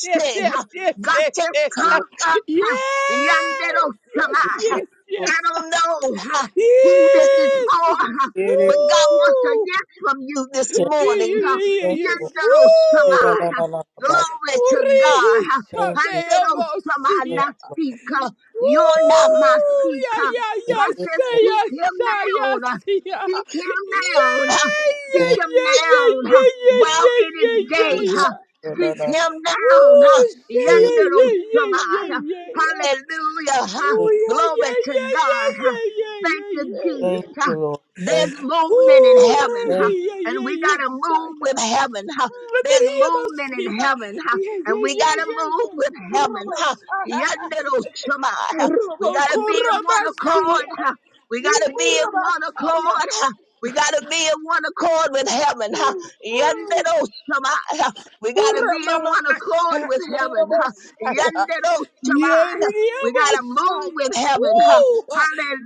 Speaker 6: yes, yes,
Speaker 4: huh? God
Speaker 6: yes, yes,
Speaker 4: says,
Speaker 6: yes, yes.
Speaker 4: come up.
Speaker 6: [laughs]
Speaker 4: huh?
Speaker 6: Yes, yes,
Speaker 4: Yanderosama, huh?
Speaker 2: Yes,
Speaker 6: yes,
Speaker 2: Lord.
Speaker 4: I
Speaker 6: yes.
Speaker 4: don't know huh,
Speaker 6: [laughs]
Speaker 4: who this is
Speaker 6: Yes,
Speaker 4: for,
Speaker 6: yes.
Speaker 4: huh, but God wants a
Speaker 6: Woo!
Speaker 4: yes from you this
Speaker 6: Yeah,
Speaker 4: morning.
Speaker 6: yeah,
Speaker 4: huh?
Speaker 6: yeah, yeah, Yes.
Speaker 4: Yanderosama,
Speaker 6: Woo!
Speaker 4: huh? Glory to God.
Speaker 6: Uri
Speaker 4: huh? Panderosama
Speaker 6: Chadeomosia.
Speaker 4: nasika. You're not my
Speaker 6: Woo! Yeah,
Speaker 4: seeker.
Speaker 6: yeah, yeah.
Speaker 4: God says,
Speaker 6: Say yes,
Speaker 4: seek him
Speaker 6: say
Speaker 4: now.
Speaker 6: yes,
Speaker 4: huh?
Speaker 6: yeah.
Speaker 4: Seek him now. huh?
Speaker 6: Yeah,
Speaker 4: Seek
Speaker 6: yeah,
Speaker 4: him
Speaker 6: yeah, yeah,
Speaker 4: now huh,
Speaker 6: yeah, yeah,
Speaker 4: while
Speaker 6: yeah,
Speaker 4: it
Speaker 6: yeah,
Speaker 4: is day.
Speaker 6: yeah.
Speaker 4: huh.
Speaker 6: yeah.
Speaker 4: Seek him
Speaker 6: Woo!
Speaker 4: now. huh,
Speaker 6: Yeah, yeah,
Speaker 4: yandere
Speaker 6: yeah, yeah,
Speaker 4: Shammai,
Speaker 6: yeah,
Speaker 4: huh.
Speaker 6: yeah, yeah.
Speaker 4: Hallelujah. huh.
Speaker 6: Oh,
Speaker 2: Thank
Speaker 6: yeah,
Speaker 4: Glory to
Speaker 6: yeah, yeah,
Speaker 4: God. huh.
Speaker 6: yeah, yeah,
Speaker 4: Thank
Speaker 6: yeah,
Speaker 4: you,
Speaker 6: yeah, yeah,
Speaker 4: Jesus.
Speaker 2: you, Lord. Thank you. Lord. Thank
Speaker 6: yeah.
Speaker 2: you, Lord. Thank you, Lord. [laughs] Thank you,
Speaker 4: huh.
Speaker 2: Lord.
Speaker 4: There's
Speaker 2: Thank you, Lord.
Speaker 4: movement in
Speaker 6: Ooh,
Speaker 4: heaven, huh,
Speaker 2: Thank you.
Speaker 6: Reggie, yeah,
Speaker 4: and
Speaker 6: yeah,
Speaker 4: we got
Speaker 6: yeah,
Speaker 4: to
Speaker 6: yeah,
Speaker 4: move
Speaker 6: yeah.
Speaker 4: with heaven. huh. There's
Speaker 6: Maria
Speaker 4: movement in
Speaker 6: Messiah.
Speaker 4: heaven, huh,
Speaker 6: Yeah,
Speaker 4: and
Speaker 6: yeah,
Speaker 4: we
Speaker 6: yeah,
Speaker 4: got to
Speaker 6: yeah,
Speaker 4: move with
Speaker 6: yeah.
Speaker 4: heaven. huh.
Speaker 6: Rabosaya.
Speaker 4: Yandere Shammai, huh. We got to be
Speaker 6: Rabokora
Speaker 4: in one accord.
Speaker 6: Messiah.
Speaker 4: huh. We got to be in one
Speaker 6: Rabosaya.
Speaker 4: accord. huh? We got to be in one accord with heaven. huh? Yanderoshama, huh? We got to be
Speaker 6: Ora
Speaker 4: in
Speaker 6: mama
Speaker 4: one accord with heaven. huh?
Speaker 6: Messiah.
Speaker 4: Yanderoshama,
Speaker 6: Yeah,
Speaker 4: huh? We got to move with heaven. huh?
Speaker 6: Woo!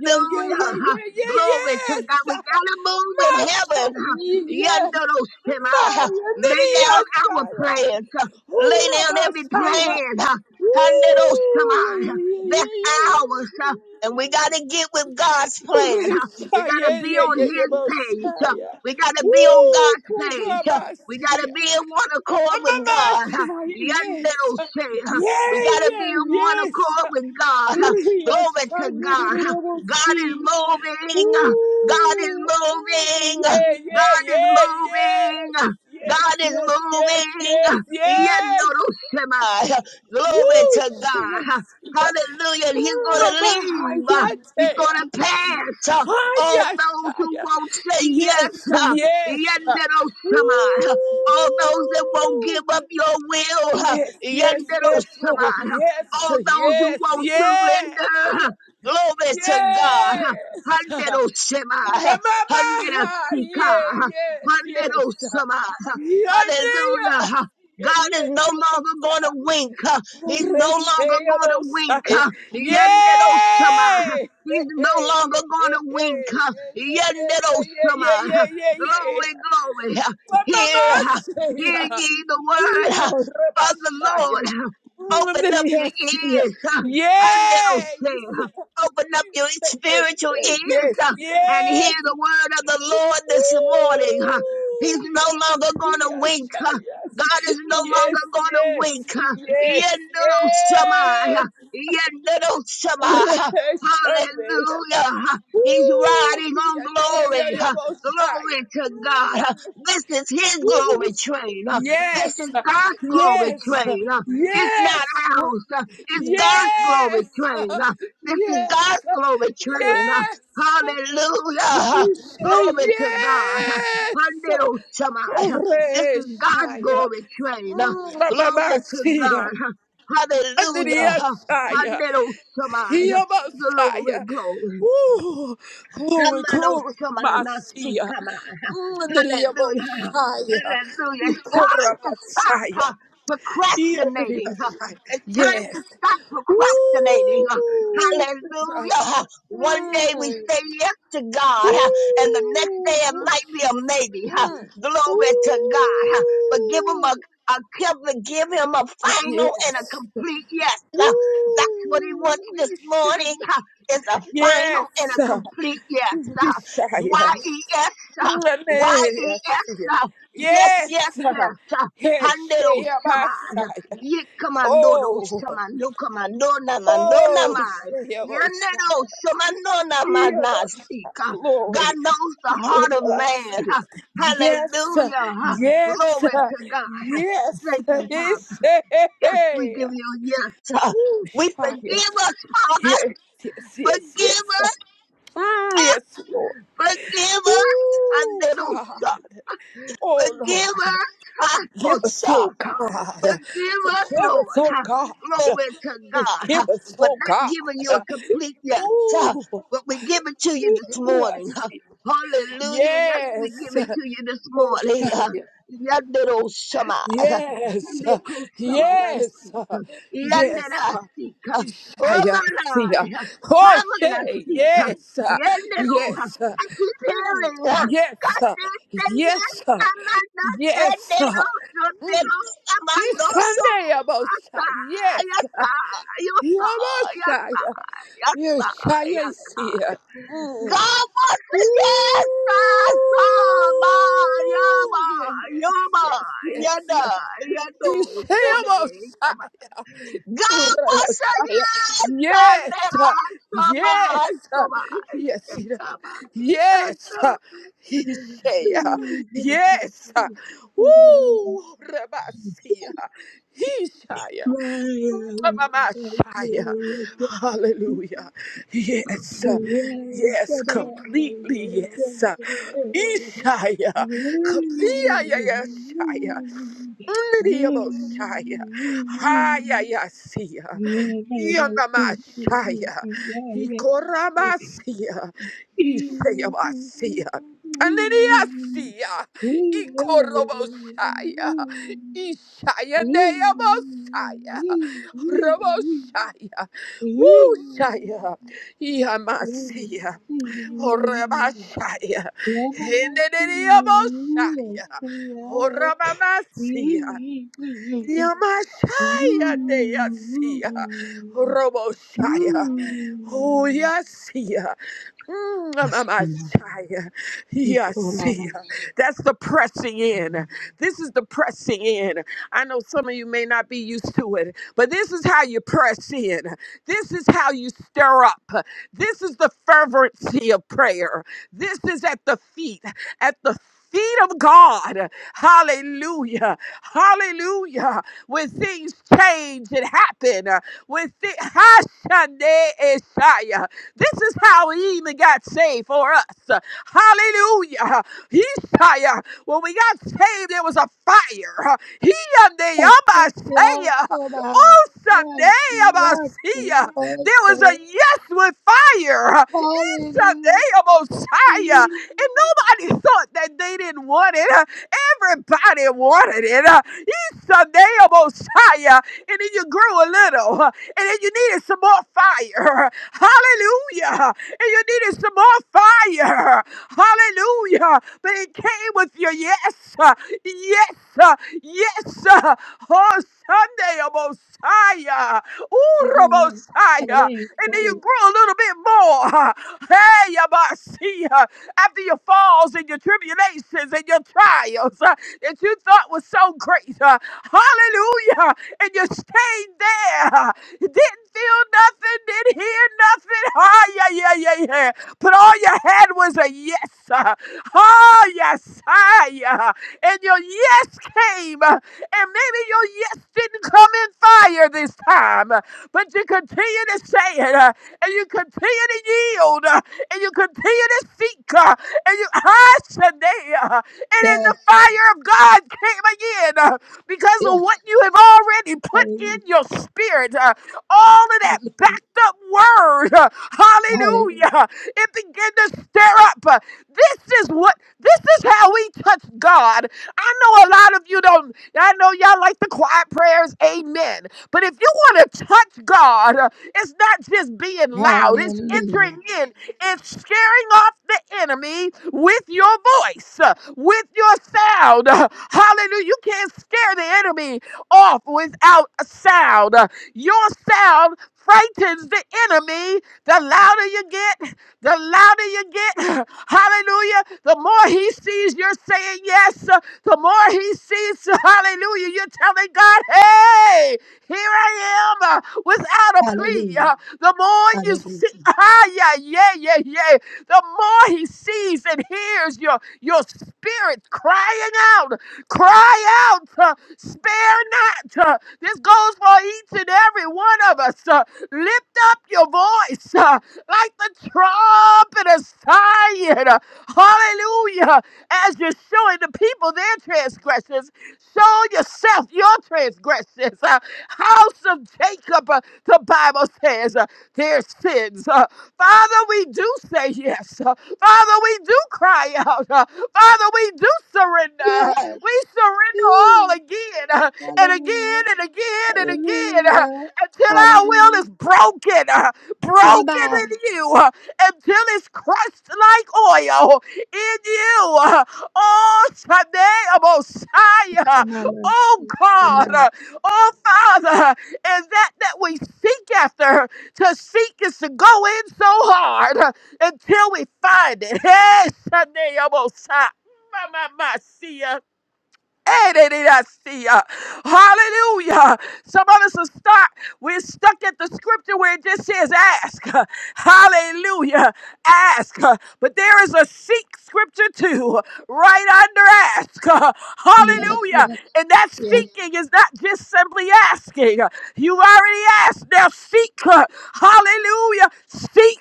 Speaker 6: Yeah, yeah, yeah, yeah,
Speaker 4: huh?
Speaker 6: yeah,
Speaker 4: Glory to
Speaker 6: yes!
Speaker 4: God. We got to move with
Speaker 6: Masha,
Speaker 4: heaven. huh?
Speaker 6: yes!
Speaker 4: Yanderoshama, huh?
Speaker 6: Maya,
Speaker 4: Lay down our
Speaker 6: Nidiyasaya!
Speaker 4: plans. huh? Lay
Speaker 6: Hurra,
Speaker 4: down every
Speaker 6: Masaya!
Speaker 4: plan. huh?
Speaker 6: Woo!
Speaker 4: Handeroshama,
Speaker 6: Yeah,
Speaker 4: huh?
Speaker 6: yeah, yeah,
Speaker 4: That's
Speaker 6: yeah, yeah, yeah,
Speaker 4: ours. huh? And we got to get with God's plan. huh?
Speaker 6: yeah, yeah. Hurra,
Speaker 4: We gotta
Speaker 6: yeah,
Speaker 4: be
Speaker 6: yeah,
Speaker 4: on
Speaker 6: yeah, yeah,
Speaker 4: his page. huh.
Speaker 6: Masaya!
Speaker 4: We gotta be on
Speaker 6: Woo!
Speaker 4: God's page.
Speaker 6: Hurra,
Speaker 4: huh. We gotta
Speaker 6: Masaya!
Speaker 4: be in one accord
Speaker 6: Mama,
Speaker 4: with God. huh.
Speaker 6: Masaya, yes!
Speaker 4: Yandero say, huh.
Speaker 6: Yeah,
Speaker 4: We gotta be
Speaker 6: yeah,
Speaker 4: in one
Speaker 6: yes!
Speaker 4: accord with God. huh.
Speaker 6: Ria
Speaker 4: Glory to God. huh. God is
Speaker 6: see.
Speaker 4: moving. huh. God is
Speaker 6: Ooh.
Speaker 4: moving. huh.
Speaker 6: Yeah, yeah,
Speaker 4: God is
Speaker 6: yeah, yeah.
Speaker 4: moving. huh.
Speaker 6: Yes,
Speaker 4: God is
Speaker 6: yes, yes, yes,
Speaker 4: moving.
Speaker 6: yes.
Speaker 4: huh.
Speaker 6: yes.
Speaker 4: Yandero Shemai, huh. Glory
Speaker 6: Woo,
Speaker 4: to God.
Speaker 6: yes,
Speaker 4: huh.
Speaker 6: yeah.
Speaker 4: Hallelujah. And He's gonna
Speaker 6: Mama,
Speaker 4: leave. huh.
Speaker 6: hiya, hiya,
Speaker 4: He's gonna pass. huh all
Speaker 6: hiya.
Speaker 4: those who won't say yes,
Speaker 6: Yes, yeah. yes. yes.
Speaker 4: uh, Yenderosama, all those that won't give
Speaker 6: Ooh.
Speaker 4: up your will, uh,
Speaker 6: Yes, yes, yes, Lord.
Speaker 4: Yenderosama,
Speaker 6: Yes,
Speaker 4: all those who
Speaker 6: yes,
Speaker 4: won't
Speaker 6: yes.
Speaker 4: surrender, uh, glory to God,
Speaker 6: Yes. [laughs]
Speaker 4: Handerosema,
Speaker 6: Mama, yeah,
Speaker 4: Handerosika,
Speaker 6: yes, yes.
Speaker 4: Handerosama,
Speaker 6: Yes,
Speaker 4: hallelujah.
Speaker 6: yeah,
Speaker 4: God
Speaker 6: yeah,
Speaker 4: is no
Speaker 6: yeah.
Speaker 4: longer going to wink. uh, He's no longer
Speaker 6: Rechea
Speaker 4: going to wink.
Speaker 6: Mosiah.
Speaker 4: uh,
Speaker 6: Yay!
Speaker 4: Yenderosama.
Speaker 6: Hey,
Speaker 4: He's no
Speaker 6: hey,
Speaker 4: longer going
Speaker 6: hey,
Speaker 4: to
Speaker 6: hey,
Speaker 4: wink. uh,
Speaker 6: yeah, yeah, yeah, yeah,
Speaker 4: Yendero-shama.
Speaker 6: yeah,
Speaker 4: uh,
Speaker 6: yeah, yeah, yeah.
Speaker 4: Glory, glory. uh,
Speaker 6: Mama
Speaker 4: Hear, uh, hear
Speaker 6: Messiah.
Speaker 4: ye the word uh,
Speaker 6: Yo,
Speaker 4: of the
Speaker 6: Rabashaya.
Speaker 4: Lord. uh, Open up your
Speaker 6: Andriasia.
Speaker 4: ears. uh,
Speaker 6: Yes.
Speaker 4: Anderoshe, uh, Open up your
Speaker 6: Yes,
Speaker 4: spiritual ears
Speaker 6: yes,
Speaker 4: uh, and hear
Speaker 6: yes.
Speaker 4: the word of the
Speaker 6: Ooh,
Speaker 4: Lord this morning. uh, He's no
Speaker 6: yes,
Speaker 4: longer going to
Speaker 6: yes,
Speaker 4: wink.
Speaker 6: ah,
Speaker 4: uh,
Speaker 6: yes,
Speaker 4: God is no
Speaker 6: yes,
Speaker 4: longer going to
Speaker 6: yes,
Speaker 4: wink. uh,
Speaker 6: yes,
Speaker 4: Yendero-shama, uh,
Speaker 6: yes.
Speaker 4: Yendero-shama. huh?
Speaker 6: Reheshande.
Speaker 4: Hallelujah. He's
Speaker 6: Ooh,
Speaker 4: riding on
Speaker 6: yeah, yeah,
Speaker 4: glory.
Speaker 6: yeah, yeah,
Speaker 4: Glory
Speaker 6: Mosiah.
Speaker 4: to God. This is his
Speaker 6: Ooh,
Speaker 4: glory train.
Speaker 6: Yes,
Speaker 4: This is God's glory
Speaker 6: yes,
Speaker 4: train. It's not
Speaker 6: yes,
Speaker 4: ours. It's God's glory
Speaker 6: yes,
Speaker 4: train. This is God's glory train.
Speaker 6: yes,
Speaker 4: Hallelujah. Glory to God.
Speaker 6: yes, yes.
Speaker 4: Hallelujah! This is God's
Speaker 6: Oreshaya.
Speaker 4: glory train. Glory to
Speaker 6: Mamasia.
Speaker 4: God. Hallelujah.
Speaker 6: Andriasaya.
Speaker 4: Hallelujah!
Speaker 6: Yamasaya.
Speaker 4: Glory, glory.
Speaker 6: Woo! Glory,
Speaker 4: Hamano
Speaker 6: glory,
Speaker 4: Shama
Speaker 6: Masia.
Speaker 4: Nasikama. Hallelujah.
Speaker 6: Andriamoshaya.
Speaker 4: Hallelujah. It's time
Speaker 6: Ikora
Speaker 4: to stop
Speaker 6: Masaya.
Speaker 4: uh, procrastinating. uh.
Speaker 6: Iandriasaya.
Speaker 4: It's time
Speaker 6: Yes.
Speaker 4: to stop procrastinating. uh.
Speaker 6: Woo!
Speaker 4: Hallelujah. Uh,
Speaker 6: Kurasa.
Speaker 4: One day we
Speaker 6: Mm.
Speaker 4: say yes to God, uh, and the next
Speaker 6: Woo!
Speaker 4: day it
Speaker 6: Good
Speaker 4: might be a
Speaker 6: Jesus.
Speaker 4: maybe. uh.
Speaker 6: Mm.
Speaker 4: Glory to God. uh. But give him
Speaker 6: Ooh.
Speaker 4: a, a give give him a final and a
Speaker 6: Yes.
Speaker 4: complete yes. uh. That's what he wants
Speaker 6: Ooh,
Speaker 4: this
Speaker 6: Isha.
Speaker 4: morning. uh, Is a final and
Speaker 6: Yes.
Speaker 4: a complete yes. uh. Y
Speaker 6: Ishaya.
Speaker 4: E S. huh. Y-E-S.
Speaker 6: Yes.
Speaker 4: uh, Yes,
Speaker 6: Yes.
Speaker 4: yes, yes. uh, Handero shama.
Speaker 6: Yesheabasaya.
Speaker 4: Ye commandoro
Speaker 6: Oh.
Speaker 4: shama. No commando na mandona
Speaker 6: Oh,
Speaker 4: mai.
Speaker 6: Sheabosa.
Speaker 4: Yandero shama no na
Speaker 6: Sheabosa.
Speaker 4: manasika. God
Speaker 6: Glory.
Speaker 4: knows the heart of man. uh,
Speaker 6: Yes.
Speaker 4: Hallelujah. uh,
Speaker 6: Yes. Yes.
Speaker 4: Glory to God. uh,
Speaker 6: Yes.
Speaker 4: Thank you, Father. Yes, we give you yes. uh,
Speaker 6: Ooh,
Speaker 4: We
Speaker 6: Shia.
Speaker 4: forgive us, Father.
Speaker 6: Yes, yes, yes,
Speaker 4: Forgive
Speaker 6: yes.
Speaker 4: us.
Speaker 6: Mm, yes, Lord. Ooh,
Speaker 4: Forgive us.
Speaker 6: God. Oh,
Speaker 4: Forgive
Speaker 6: Lord.
Speaker 4: us, huh?
Speaker 6: Give
Speaker 4: oh,
Speaker 6: us, oh,
Speaker 4: sorry.
Speaker 6: God.
Speaker 4: Forgive us,
Speaker 6: Forgive us,
Speaker 4: Lord.
Speaker 6: oh,
Speaker 4: huh?
Speaker 6: God.
Speaker 4: Glory to God huh,
Speaker 6: Forgive us,
Speaker 4: for
Speaker 6: oh,
Speaker 4: not
Speaker 6: God.
Speaker 4: giving you a complete yes, huh,
Speaker 6: Ooh.
Speaker 4: but we give it to you this
Speaker 6: ooh,
Speaker 4: morning. huh.
Speaker 6: mercy.
Speaker 4: Hallelujah. Yes, we give
Speaker 6: Yes.
Speaker 4: it to you this
Speaker 6: Oh,
Speaker 4: morning. huh.
Speaker 6: Shia.
Speaker 4: Yandero shama, huh.
Speaker 6: Yes.
Speaker 4: Yandeko shama
Speaker 6: Yes.
Speaker 4: nansi, huh.
Speaker 6: Yes.
Speaker 4: Yandera si, huh. Oh
Speaker 6: Shia.
Speaker 4: my
Speaker 6: Shia.
Speaker 4: Lord, huh.
Speaker 6: Oh,
Speaker 4: Pamela
Speaker 6: Shay.
Speaker 4: si, huh.
Speaker 6: Yes.
Speaker 4: Yandero, huh.
Speaker 6: Yes.
Speaker 4: I keep
Speaker 6: Mm,
Speaker 4: hearing, huh. God
Speaker 6: Yes.
Speaker 4: says, say
Speaker 6: Yes.
Speaker 4: yes,
Speaker 6: Yes.
Speaker 4: Rendero,
Speaker 6: Mm.
Speaker 4: rendero,
Speaker 6: This
Speaker 4: amando so.
Speaker 6: Sunday, Abosha.
Speaker 4: Yasa,
Speaker 6: Yes.
Speaker 4: yasa, yasa,
Speaker 6: Yabosha.
Speaker 4: yasa, yasa,
Speaker 6: Yeshaya is
Speaker 4: yasa.
Speaker 6: here. Mm.
Speaker 4: Gama
Speaker 6: Ooh,
Speaker 4: yasa, sama, yama,
Speaker 6: yeah,
Speaker 4: yama,
Speaker 6: yes, yes,
Speaker 4: yada,
Speaker 6: yes.
Speaker 4: yado,
Speaker 6: Yeshaya
Speaker 4: sone, sama.
Speaker 6: Abosha.
Speaker 4: Gama yasa,
Speaker 6: Yes,
Speaker 4: rendero, sama,
Speaker 6: yes,
Speaker 4: sama,
Speaker 6: yes, yes,
Speaker 4: sama,
Speaker 6: he say, yes,
Speaker 4: yasa.
Speaker 6: woo, Rabasia, he say,
Speaker 4: Mm-hmm.
Speaker 6: Mamashaya. Hallelujah. Yes. uh, Yes. Completely. Yes. uh, Ishaya. Completely. Yes. Ndiyaboshaya. Hayayasia. Yanamashaya. Ikoramasia. Ishayabasia. Ananiasia. Ikoroboshaya. Ishayaneabosaya. Roboshaya. Wushaya.
Speaker 4: Hallelujah.
Speaker 6: Yamasia. Orabashaya. Heneneniaboshaya. Horamasia. Yamashaya Neyasia Roboshaya Oyasia Mamashaya Yasia. That's the pressing in. This is the pressing in. I know some of you may not be used to it, but this is how you press in. This is how you stir up. This is the fervency of prayer. This is at the feet, at the feet of God. Hallelujah. Hallelujah when things change and happen, uh, when thi- [laughs] Hashande Isaiah. This is how he even got saved for us. Uh, Hallelujah. Isaiah, when we got saved, there was a fire. Uh, He and the Amasaiah. Oh, Sunday Amasaiah. There was a yes with fire. Uh, Sunday Messiah. And nobody [laughs] thought that they didn't want it. Uh, Everybody wanted it. Uh, sunday a bo And then you grew a little. huh, And then you needed some more fire. huh. Hallelujah. huh, And you needed some more fire. huh. Hallelujah. huh. But it came with your yes. uh, Yes. uh, Yes. uh, Oh, Sunday-a-bo-shia. ooh ra
Speaker 4: Hallelujah.
Speaker 6: And then you grew a little bit more. huh. Hey, Yabasi after your falls and your tribulations and your trials uh, that you thought was so great. uh, hallelujah. And you stayed there. uh, Didn't feel nothing, didn't hear nothing. [laughs] Ah, yeah, yeah, yeah, yeah. But all you had was a yes. uh, Oh, yes. Ah, yeah. And your yes came. uh, And maybe your yes didn't come in fire this time. uh, But you continue to say it. uh, and you continue to yield. Uh, and you continue to seek uh, and you ah, Shanae, uh, and then the
Speaker 4: Yes,
Speaker 6: fire of God came again uh, because of
Speaker 4: yes,
Speaker 6: what you have already put
Speaker 4: hallelujah.
Speaker 6: in your spirit. uh, all of that
Speaker 4: Hallelujah.
Speaker 6: backed up word, uh, hallelujah, it began to stir up. uh, this is what, this is how we touch God. I know a lot of you don't, I know y'all like the quiet prayers, amen. But if you want to touch God, uh, it's not just being loud,
Speaker 4: Hallelujah.
Speaker 6: it's
Speaker 4: Hallelujah.
Speaker 6: entering in and scaring off the enemy with your voice, uh, with your sound. [laughs] Uh, Hallelujah. You can't scare the enemy off without a sound. Uh, Your sound frightens the enemy. The louder you get, the louder you get. [laughs] [clears throat] Hallelujah. The more he sees you're saying yes, uh, the more he sees, [laughs] hallelujah, you're telling God, hey, here I am uh, without a plea.
Speaker 4: Hallelujah.
Speaker 6: Uh, the more you see,
Speaker 4: Hallelujah.
Speaker 6: ah, yeah, yeah, yeah, yeah. The more he sees and hears your your spirit crying out, cry out, uh, spare not. uh, this goes for each and every one of us. uh, lift up your voice uh, like the trumpet of Zion. uh, hallelujah! As you're showing the people their transgressions, show yourself your transgressions. uh, house of Jacob, uh, the Bible says. Uh, their sins. Uh, Father, we do say yes. Uh, Father, we do cry out. Uh, Father, we do surrender.
Speaker 4: Yes.
Speaker 6: We surrender all
Speaker 4: Mm.
Speaker 6: again uh, and again
Speaker 4: Hallelujah.
Speaker 6: and again and again uh,
Speaker 4: Hallelujah.
Speaker 6: until our will
Speaker 4: Hallelujah.
Speaker 6: is broken, uh,
Speaker 4: Come
Speaker 6: broken
Speaker 4: on.
Speaker 6: in you, uh, until it's crushed like oil in you. Uh, oh, Sunday, Messiah.
Speaker 4: Come on. Lord.
Speaker 6: Oh,
Speaker 4: Come
Speaker 6: God.
Speaker 4: on.
Speaker 6: uh, Oh, Father. And that that we seek after. To seek is to go in so hard uh, until we find it. [laughs] Hey, Sunday, almost. My, my, my, see ya. Hey, they did see ya. Hallelujah. Some of us are stuck. We're stuck at the scripture where it just says ask. [laughs] Hallelujah. Ask. But there is a seek scripture too, right under ask. [laughs]
Speaker 4: Yes,
Speaker 6: Hallelujah.
Speaker 4: yes,
Speaker 6: And that
Speaker 4: yes.
Speaker 6: seeking is not just simply asking. You already asked. Now seek. [laughs] Hallelujah. Seek.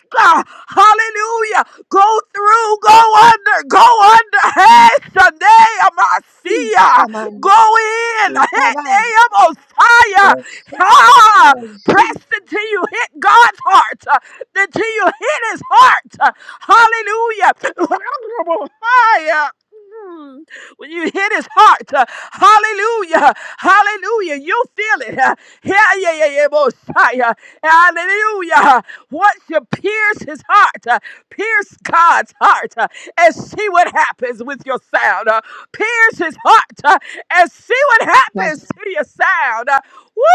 Speaker 6: Hallelujah. Go through, go under, go under. Hey, Sunday,
Speaker 4: Peace,
Speaker 6: Amasia.
Speaker 4: come on.
Speaker 6: Go in.
Speaker 4: Peace, come
Speaker 6: Hit
Speaker 4: on.
Speaker 6: AM Osiah.
Speaker 4: Yes,
Speaker 6: Ah,
Speaker 4: yes, Sing.
Speaker 6: press until you hit God's heart, uh, until you hit his heart. Uh, Hallelujah. [laughs] Higher. Mm. When you hit his heart, uh, hallelujah, hallelujah, you feel it. uh, Yeah, yeah, yeah, yeah, Mosiah. Hallelujah. What should pierce his heart? uh, Pierce God's heart uh, and see what happens with your sound. uh, Pierce his heart uh, and see what happens
Speaker 4: yes,
Speaker 6: to your sound. uh,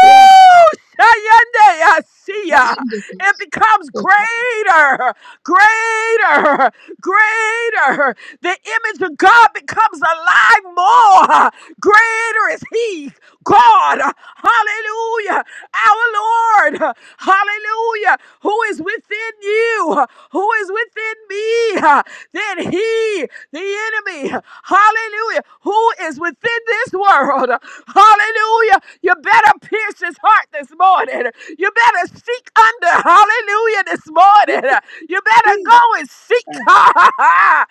Speaker 4: yes.
Speaker 6: Shayande, I see ya.
Speaker 4: Wonderful.
Speaker 6: It becomes
Speaker 4: Yes,
Speaker 6: greater, greater, greater. The image of God becomes alive more. Greater is He, God. Hallelujah. Our Lord. Lord, hallelujah, who is within you, who is within me, then he, the enemy, hallelujah, who is within this world, hallelujah, you better pierce his heart this morning. You better seek under, hallelujah, this morning. You better go and seek, [laughs] oh,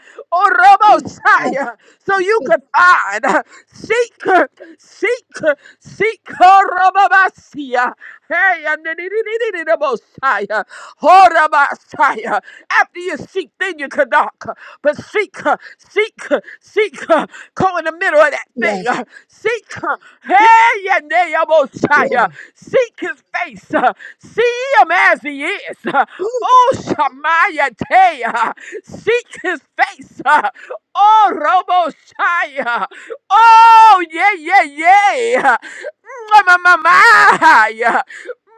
Speaker 4: yes, peace,
Speaker 6: Robosiah, so you could find, seek, seek, seek, oh, Robobasia. Hey, and then it- it- it- it- the Messiah. Hold up, Messiah. After you seek, then you can knock. But seek, uh, seek, uh, seek. uh, Go in the middle of that
Speaker 4: yes, yes.
Speaker 6: thing.
Speaker 4: Yes.
Speaker 6: uh, Seek. uh,
Speaker 4: Ooh,
Speaker 6: Hey, and then the Messiah.
Speaker 4: Glory.
Speaker 6: Seek his face. uh, See him as he is. uh,
Speaker 4: Ooh,
Speaker 6: Oh, Shemaiah, Tay, uh, seek his face. uh, Oh, Robo Shia. Oh, yeah, yeah, yeah. Mwah-mwah-mwah-mwah.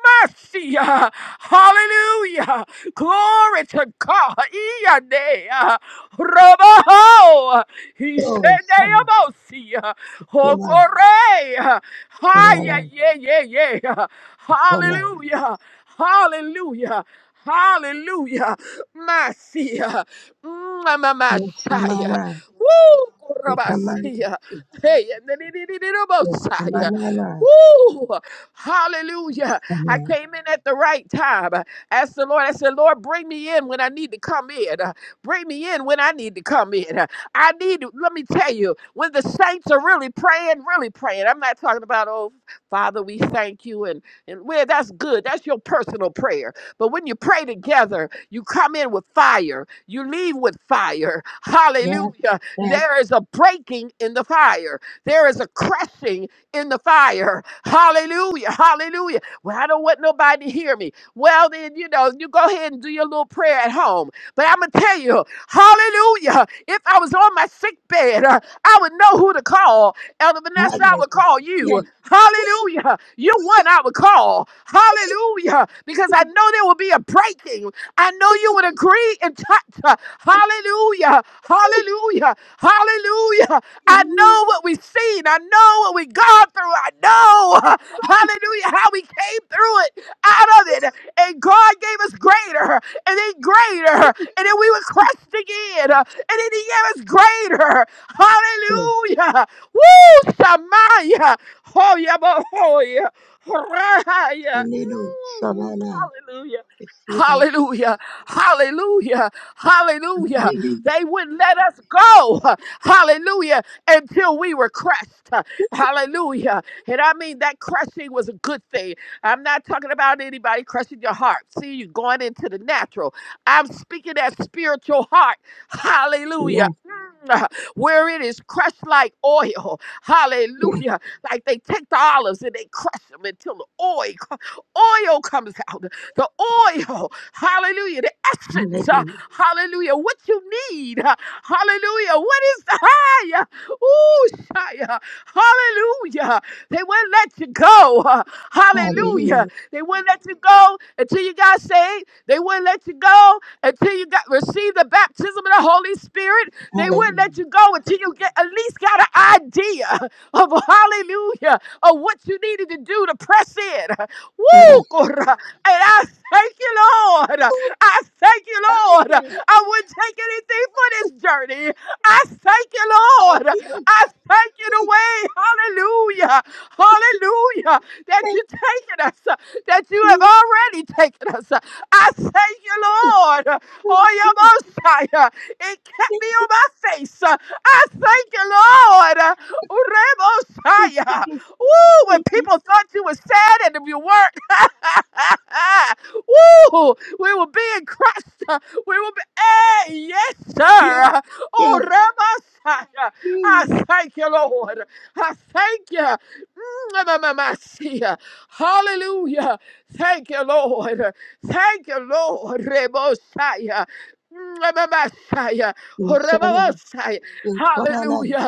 Speaker 6: Mercy. uh, Hallelujah. Glory to God. Iyane, uh, Roboho. He
Speaker 4: Glory,
Speaker 6: said,
Speaker 4: come on.
Speaker 6: "Naomosi, uh,
Speaker 4: Come on.
Speaker 6: Hokore." uh,
Speaker 4: Come
Speaker 6: Hiya,
Speaker 4: on.
Speaker 6: yeah, yeah, yeah. uh,
Speaker 4: Come on.
Speaker 6: Hallelujah. Hallelujah. Hallelujah. Mercy. uh,
Speaker 4: Yes, come
Speaker 6: mwah-mwah-mwah-shia.
Speaker 4: on.
Speaker 6: Woo.
Speaker 4: Come
Speaker 6: Rabasia.
Speaker 4: on.
Speaker 6: Hey, and then it
Speaker 4: Yes, come
Speaker 6: is
Speaker 4: on,
Speaker 6: Woo! Hallelujah. I came in at the right time. Asked the Lord, I said, Lord, bring me in when I need to come in. Bring me in when I need to come in. I need to, let me tell you, when the saints are really praying, really praying. I'm not talking about, oh, Father, we thank you. And, and where that's good, that's your personal prayer. But when you pray together, you come in with fire, you leave with fire.
Speaker 4: Yes,
Speaker 6: Hallelujah.
Speaker 4: that's
Speaker 6: There is a breaking in the fire, there is a crushing in the fire. Hallelujah. Hallelujah. Well, I don't want nobody to hear me. Well, then, you know, you go ahead and do your little prayer at home. But I'm going to tell you, hallelujah. If I was on my sick bed, uh, I would know who to call. Elder
Speaker 4: God
Speaker 6: Vanessa, I would
Speaker 4: making.
Speaker 6: call
Speaker 4: Yes,
Speaker 6: you. Hallelujah. You're one I would call. Hallelujah. Because I know there will be a breaking. I know you would agree and touch. uh, Hallelujah. Hallelujah. Hallelujah. I know what we've seen. I know what we have gone through. I know, [laughs] hallelujah, how we came through it, out of it. And God gave us greater, and then greater, and then we were crushed again, uh, and then He gave us greater.
Speaker 4: Good.
Speaker 6: Hallelujah. Woo, Samaya. Oh, yeah, but oh, yeah. Raya.
Speaker 4: Hallelujah.
Speaker 6: Mm,
Speaker 4: Shalala.
Speaker 6: Hallelujah. Hallelujah. Hallelujah. Hallelujah.
Speaker 4: Hallelujah.
Speaker 6: They wouldn't let us go. Hallelujah until we were crushed. Hallelujah. And I mean, that crushing was a good thing. I'm not talking about anybody crushing your heart. See, you going into the natural. I'm speaking that spiritual heart. Hallelujah.
Speaker 4: Yes,
Speaker 6: Mm, Where it is crushed like oil.
Speaker 4: yes.
Speaker 6: Hallelujah. Like they take the olives and they crush them until the oil, oil comes out. The oil. Hallelujah. The essence. uh,
Speaker 4: Hallelujah.
Speaker 6: Hallelujah. What you need. uh, Hallelujah. What is the high? Ooh, Shia. Hallelujah. They wouldn't let you go. [laughs] Hallelujah.
Speaker 4: Hallelujah.
Speaker 6: They wouldn't let you go until you got saved. They wouldn't let you go until you got received the baptism of the Holy Spirit. They wouldn't let
Speaker 4: Hallelujah.
Speaker 6: you go until you get at least got an idea [laughs] of hallelujah of what you needed to do to press in. [laughs]
Speaker 4: Yes.
Speaker 6: Woo! Korah. And I thank you, Lord.
Speaker 4: Oh,
Speaker 6: I thank you,
Speaker 4: I like
Speaker 6: Lord.
Speaker 4: this.
Speaker 6: I wouldn't take anything for this journey. I thank you,
Speaker 4: Thank
Speaker 6: Lord.
Speaker 4: you.
Speaker 6: I thank you the
Speaker 4: Thank
Speaker 6: way. Hallelujah. Hallelujah. That you're taking us, uh, that you have
Speaker 4: you.
Speaker 6: already taken us. uh. I thank you, Lord. Oh,
Speaker 4: Thank
Speaker 6: your
Speaker 4: you.
Speaker 6: Messiah. It kept
Speaker 4: Thank
Speaker 6: me on my face. uh. I thank you, Lord. Uremosiah.
Speaker 4: you.
Speaker 6: Ooh, when
Speaker 4: Thank
Speaker 6: people thought you were sad and if you weren't, [laughs] Woo! we were being crushed. uh, We were, be- hey, yes,
Speaker 4: you. Yes,
Speaker 6: sir. Oh,
Speaker 4: yes.
Speaker 6: Ramasaya. I
Speaker 4: yes.
Speaker 6: thank you, Lord. I thank you. Mm, ma, ma, ma, see ya. Hallelujah. Thank you, Lord. Thank you, Lord. Rebosaya. Mm, ma, ma, ma, saya.
Speaker 4: Oh,
Speaker 6: Oh,
Speaker 4: Shalala.
Speaker 6: Rebosaya. Hallelujah.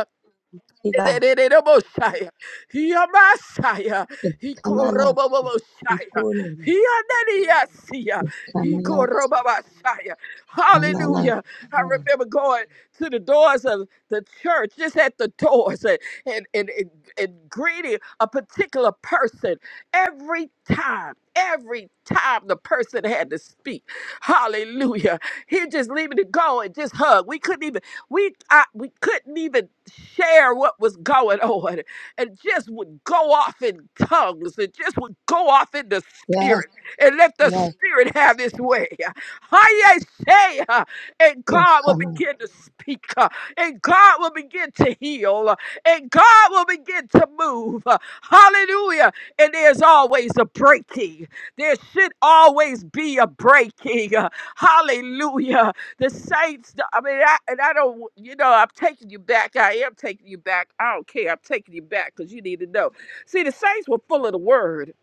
Speaker 4: Siba.
Speaker 6: Messiah. He a Messiah.
Speaker 4: You
Speaker 6: He
Speaker 4: Come on, Lord.
Speaker 6: korobo Messiah.
Speaker 4: cool.
Speaker 6: He a Messiah. He korobo Messiah. Hallelujah. I remember going to the doors of the church, just at the doors, and, and, and, and, and greeting a particular person every time. Every time the person had to speak, hallelujah, he'd just leave me to go and just hug. We couldn't even. We I, we couldn't even share what was going on, and just would go off in tongues, and just would go off in the spirit, and let the
Speaker 4: Yes,
Speaker 6: spirit have its way. I say, uh, and
Speaker 4: this
Speaker 6: God will
Speaker 4: summer.
Speaker 6: begin to speak, uh, and God will begin to heal, uh, and God will begin to move. uh, Hallelujah! And there's always a breaking. There should always be a breaking. [laughs] uh, Hallelujah. The saints, I mean, I, and I don't, you know, I'm taking you back. I am taking you back. I don't care. I'm taking you back because you need to know. See, the saints were full of the word.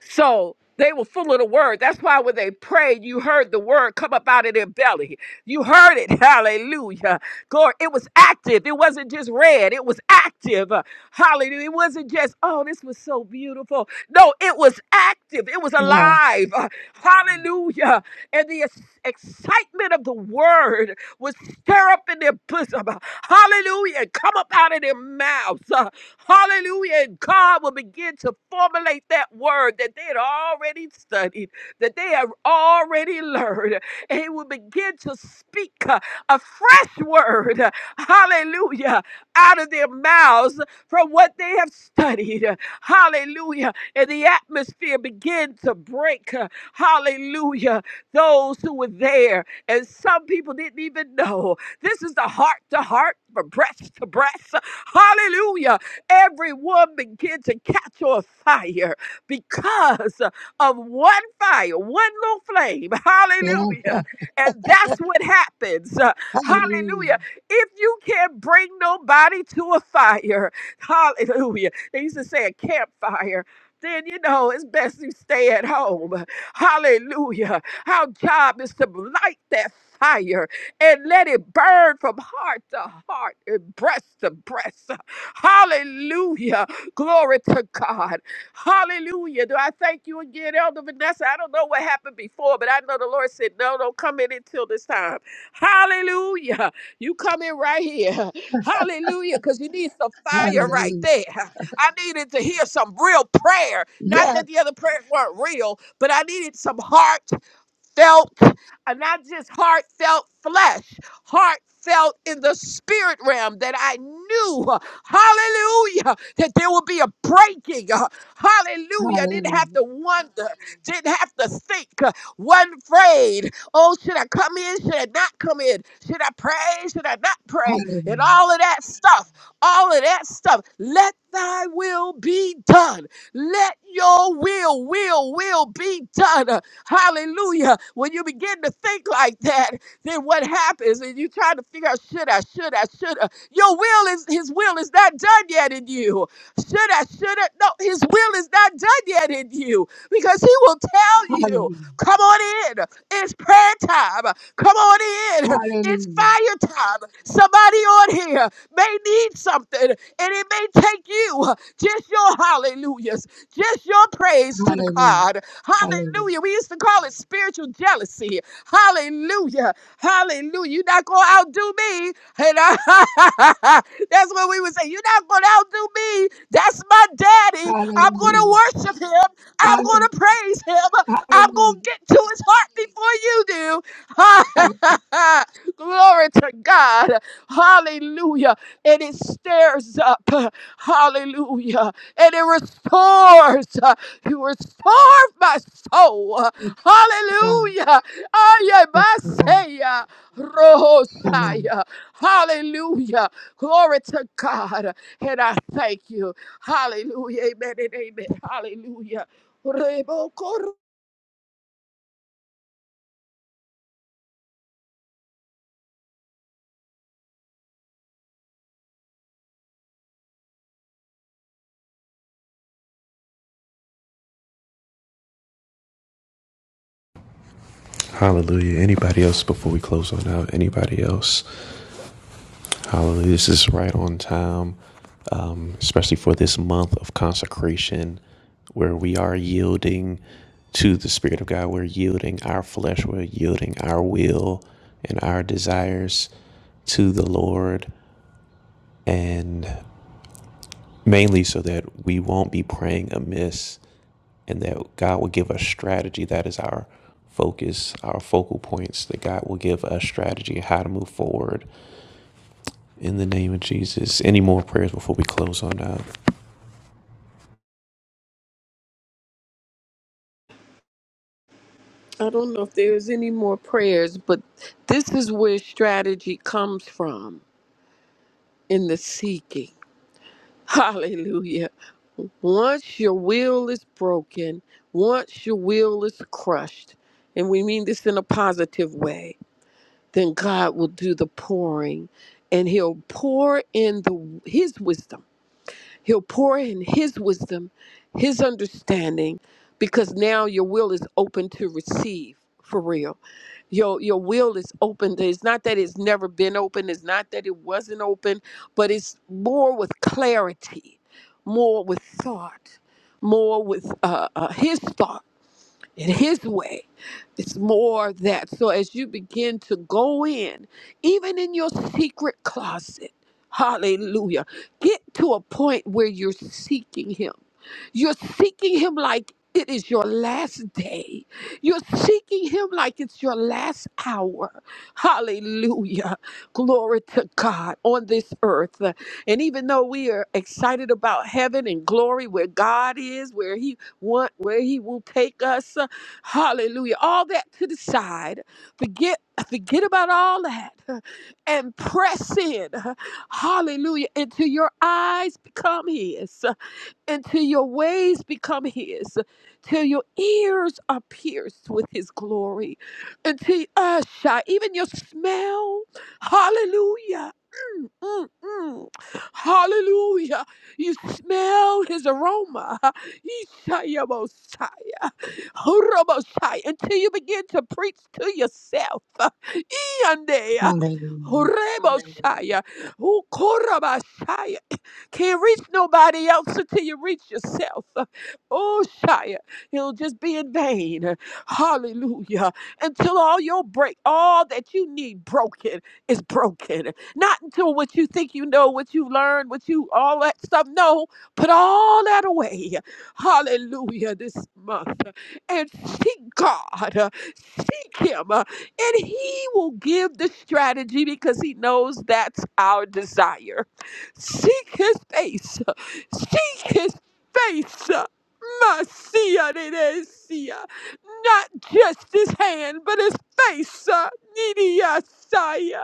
Speaker 6: So they were full of the word. That's why when they prayed, you heard the word come up out of their belly. You heard it. [laughs] Hallelujah. Glory, it was active. It wasn't just read, it was active. Uh, Hallelujah. It wasn't just, oh, this was so beautiful. No, it was active, it was
Speaker 4: Yes,
Speaker 6: alive. Uh, Hallelujah. And the ex- excitement of the word would stir up in their bosom. Uh, Hallelujah. And come up out of their mouths. Uh, Hallelujah. And God will begin to formulate that word that they had already studied that they have already learned. And he will begin to speak uh, a fresh word, uh, hallelujah, out of their mouths from what they have studied, uh, hallelujah. And the atmosphere begin to break, uh, hallelujah, those who were there. And some people didn't even know. This is the heart to heart, from breast to breast, hallelujah. Everyone begin to catch on fire because of one fire, one little flame. [laughs]
Speaker 4: yes,
Speaker 6: Hallelujah. And that's what happens. Uh, Hallelujah.
Speaker 4: hallelujah,
Speaker 6: If you can't bring nobody to a fire, [laughs] hallelujah. They used to say a campfire then you know it's best you stay at home. Hallelujah. Our job is to light that fire and let it burn from heart to heart and breast to breast. Hallelujah. Glory to God. Hallelujah. Do I thank you again, Elder Vanessa? I don't know what happened before, but I know the Lord said, no, don't come in until this time. Hallelujah. You come in right here. [laughs] Hallelujah. Because you need some fire right
Speaker 4: hallelujah.
Speaker 6: there. I needed to hear some real prayer. Not
Speaker 4: Yes,
Speaker 6: that the other prayers weren't real, but I needed some heart heartfelt, uh, not just heartfelt flesh, heartfelt in the spirit realm that I knew, uh, hallelujah, that there would be a breaking. uh, Hallelujah. I Didn't have
Speaker 4: hallelujah,
Speaker 6: to wonder, didn't have to think, uh, wasn't afraid. Oh, should I come in? Should I not come in? Should I pray? Should I not pray? And
Speaker 4: hallelujah,
Speaker 6: all of that stuff, all of that stuff. Let thy will be done. Let your will, will, will be done. Hallelujah. When you begin to think like that, then what happens? And you try to figure out, should I, should I, should I? Your will is, his will is not done yet in you. Should I, should I? No, his will is not done yet in you because he will tell you,
Speaker 4: hallelujah,
Speaker 6: come on in. It's prayer time. Come on in. It's
Speaker 4: hallelujah,
Speaker 6: fire time. Somebody on here may need something and it may take you just your hallelujah hallelujahs. Just your praise to the
Speaker 4: hallelujah,
Speaker 6: God.
Speaker 4: hallelujah,
Speaker 6: Hallelujah. We used to call it spiritual jealousy. Hallelujah. Hallelujah. You're not going to outdo me. And I, [laughs] that's what we would say. You're not going to outdo me. That's my daddy. I'm going to
Speaker 4: hallelujah,
Speaker 6: worship him. I'm going to
Speaker 4: hallelujah,
Speaker 6: praise him. I'm going
Speaker 4: hallelujah,
Speaker 6: to get to his heart before you
Speaker 4: hallelujah.
Speaker 6: do. [laughs] Glory to God. Hallelujah. And it stirs up. Hallelujah and it restores. [laughs] uh, You restore my soul. uh,
Speaker 4: Look around,
Speaker 6: Hallelujah.
Speaker 4: look around,
Speaker 6: Ayamasaya,
Speaker 4: someone.
Speaker 6: Rohosaya. Hallelujah. Glory to God. And I thank you. Hallelujah. Amen and amen. Hallelujah. Rebokor-
Speaker 1: Hallelujah. Anybody else before we close on out? Anybody else? Hallelujah. This is right on time, um, especially for this month of consecration where we are yielding to the Spirit of God. We're yielding our flesh, we're yielding our will and our desires to the Lord, and mainly so that we won't be praying amiss and that God will give us strategy. That is our focus, our focal points, that God will give us strategy how to move forward in the name of Jesus. Any more prayers before we close on out?
Speaker 6: I don't know if there's any more prayers, but this is where strategy comes from in the seeking [laughs] Hallelujah. Once your will is broken, once your will is crushed, and we mean this in a positive way, then God will do the pouring and he'll pour in the his wisdom. He'll pour in his wisdom, his understanding because now your will is open to receive for real your your will is open it's not that it's never been open it's not that it wasn't open but it's more with clarity more with thought more with uh, uh, his thoughts in his way it's more of that so as you begin to go in even in your secret closet hallelujah get to a point where you're seeking him you're seeking him like it is your last day. You're seeking him like it's your last hour. Hallelujah. Glory to God on this earth. And even though we are excited about heaven and glory where God is, where he want, where He will take us. uh, Hallelujah. All that to the side. Forget, forget about all that uh, and press in. uh, Hallelujah. Until your eyes become His until your ways become his, till your ears are pierced with his glory, until uh, shy, even your smell, hallelujah. mm, mm, mm, Hallelujah. You smell his aroma. Yeshaya Mosiah, Yeshayabosaya, horobosai, Until you begin to preach to yourself. Yandea,
Speaker 4: Hallelujah,
Speaker 6: horebosaya, ukorobosaya. Can't reach nobody else until you reach yourself. Oh, Shia, it'll just be in vain. Hallelujah. Until all your break, all that you need broken is broken. Not until what you think you know, what you learned, what you, all that stuff. No, put all that away. Hallelujah this month. And seek God. uh, Seek Him. uh, And He will give the strategy because He knows that's our desire. Seek his face. Seek his face. Masia de Not just his hand, but his face. Nidia Saya.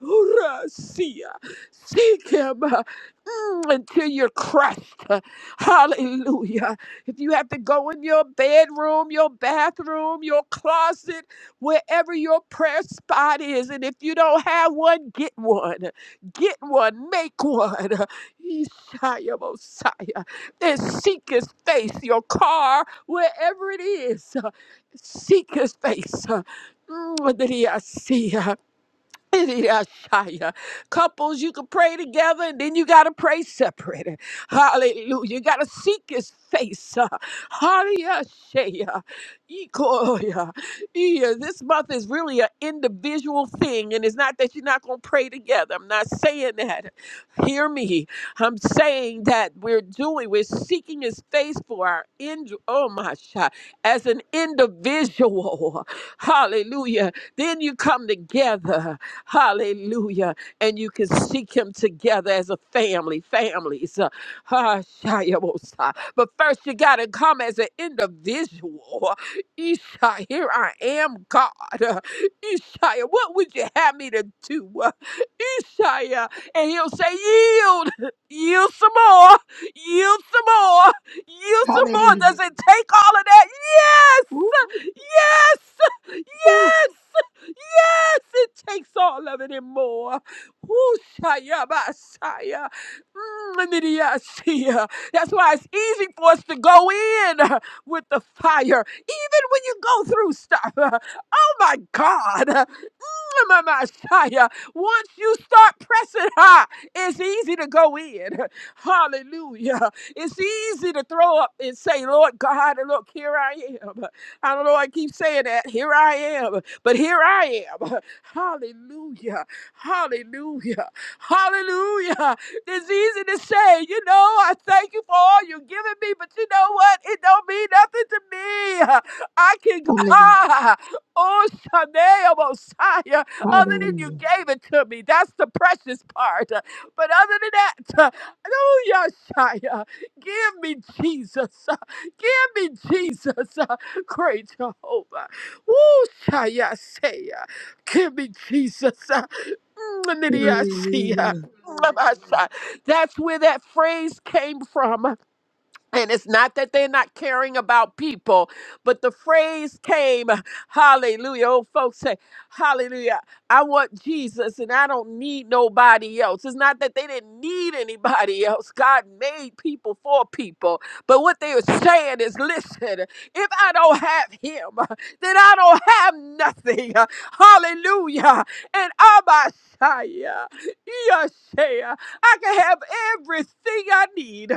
Speaker 6: Urasia. Seek him uh, mm, until you're crushed. Uh, Hallelujah. If you have to go in your bedroom, your bathroom, your closet, wherever your prayer spot is, and if you don't have one, get one. Get one. Make one. [laughs] Ishaya Mosiah. And seek his face, your car, wherever it is. [laughs] Seek his face. [laughs] Mm, that he I see. [laughs] Hallelujah, Couples, you can pray together and then you got to pray separate. [laughs] Hallelujah. You got to seek his face. [laughs] Uh, Hallelujah. Ikoya. Yeah, This month is really an individual thing, and it's not that you're not going to pray together. I'm not saying that. Hear me. I'm saying that we're doing, we're seeking his face for our end. Oh, my shot. As an individual. [laughs] Hallelujah. Then you come together. Hallelujah. And you can seek him together as a family, families. Uh, ah, Shia Mosiah. but first, you got to come as an individual. Isha, here I am, God. Uh, Isha, what would you have me to do? Uh, Isha, and he'll say, Yield, [laughs] yield some more, yield some more, yield some more.
Speaker 4: hallelujah,
Speaker 6: Does it take all of that?
Speaker 4: woo,
Speaker 6: Yes, yes,
Speaker 4: woo.
Speaker 6: yes. Yes, it takes all of it and more. Woo-shaya-ba-shaya. Mm, nidiya-shia. That's why it's easy for us to go in uh, with the fire, even when you go through stuff. [laughs] Oh my God. Messiah. Once you start pressing high, it's easy to go in. [laughs] Hallelujah. It's easy to throw up and say, Lord God, look, here I am. I don't know, I keep saying that. Here I am. But here I am. [laughs] Hallelujah. Hallelujah. Hallelujah. It's easy to say, you know, I thank you for all you've given me, but you know what? It don't mean nothing to me. [laughs] I can,
Speaker 4: hallelujah,
Speaker 6: ah, oh, Shanae, other than you
Speaker 4: hallelujah,
Speaker 6: gave it to me. That's the precious part. Uh, But other than that, [laughs] uh, oh, Yahshua, give me Jesus. Uh, Give me Jesus. Uh, Great Jehovah. Oh, Shia, say, uh, give me Jesus. Uh, mm, Lydia, see, uh,
Speaker 4: hallelujah,
Speaker 6: mm, Abasha. That's where that phrase came from. And it's not that they're not caring about people, but the phrase came, hallelujah. Old folks say, hallelujah. I want Jesus and I don't need nobody else. It's not that they didn't need anybody else. God made people for people. But what they were saying is, listen, if I don't have him, then I don't have nothing. Hallelujah. And Abashaya, Yeshaya, I can have everything I need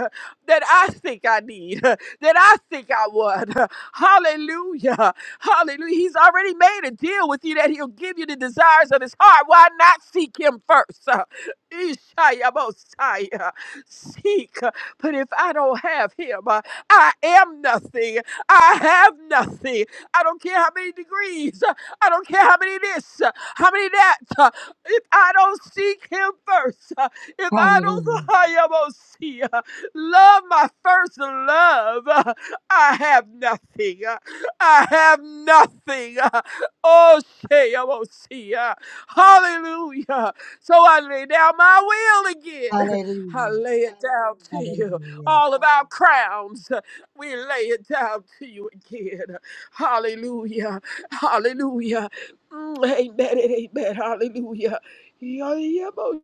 Speaker 6: that I think I need, [laughs] that I think I want. [laughs] Hallelujah. Hallelujah. He's already made a deal with you that he'll give you the desires of his heart. Why not seek him first? [laughs] Ishaya Mosiah. Seek. But if I don't have him, uh, I am nothing. I have nothing. I don't care how many degrees. uh, I don't care how many this, uh, how many that. uh, If I don't seek him first, uh, if I don't, [laughs]
Speaker 4: hallelujah,
Speaker 6: Ishaya Mosiah love my first love. Uh, I have nothing. Uh, I have nothing. Uh, Oh, say, I won't see. Uh, Hallelujah. So I lay down my will again. I lay it down to
Speaker 4: hallelujah,
Speaker 6: you.
Speaker 4: hallelujah.
Speaker 6: All of our crowns, uh, we lay it down to you again. Hallelujah. Hallelujah. Mm, Amen and amen. Hallelujah. Yeah, yeah, bo-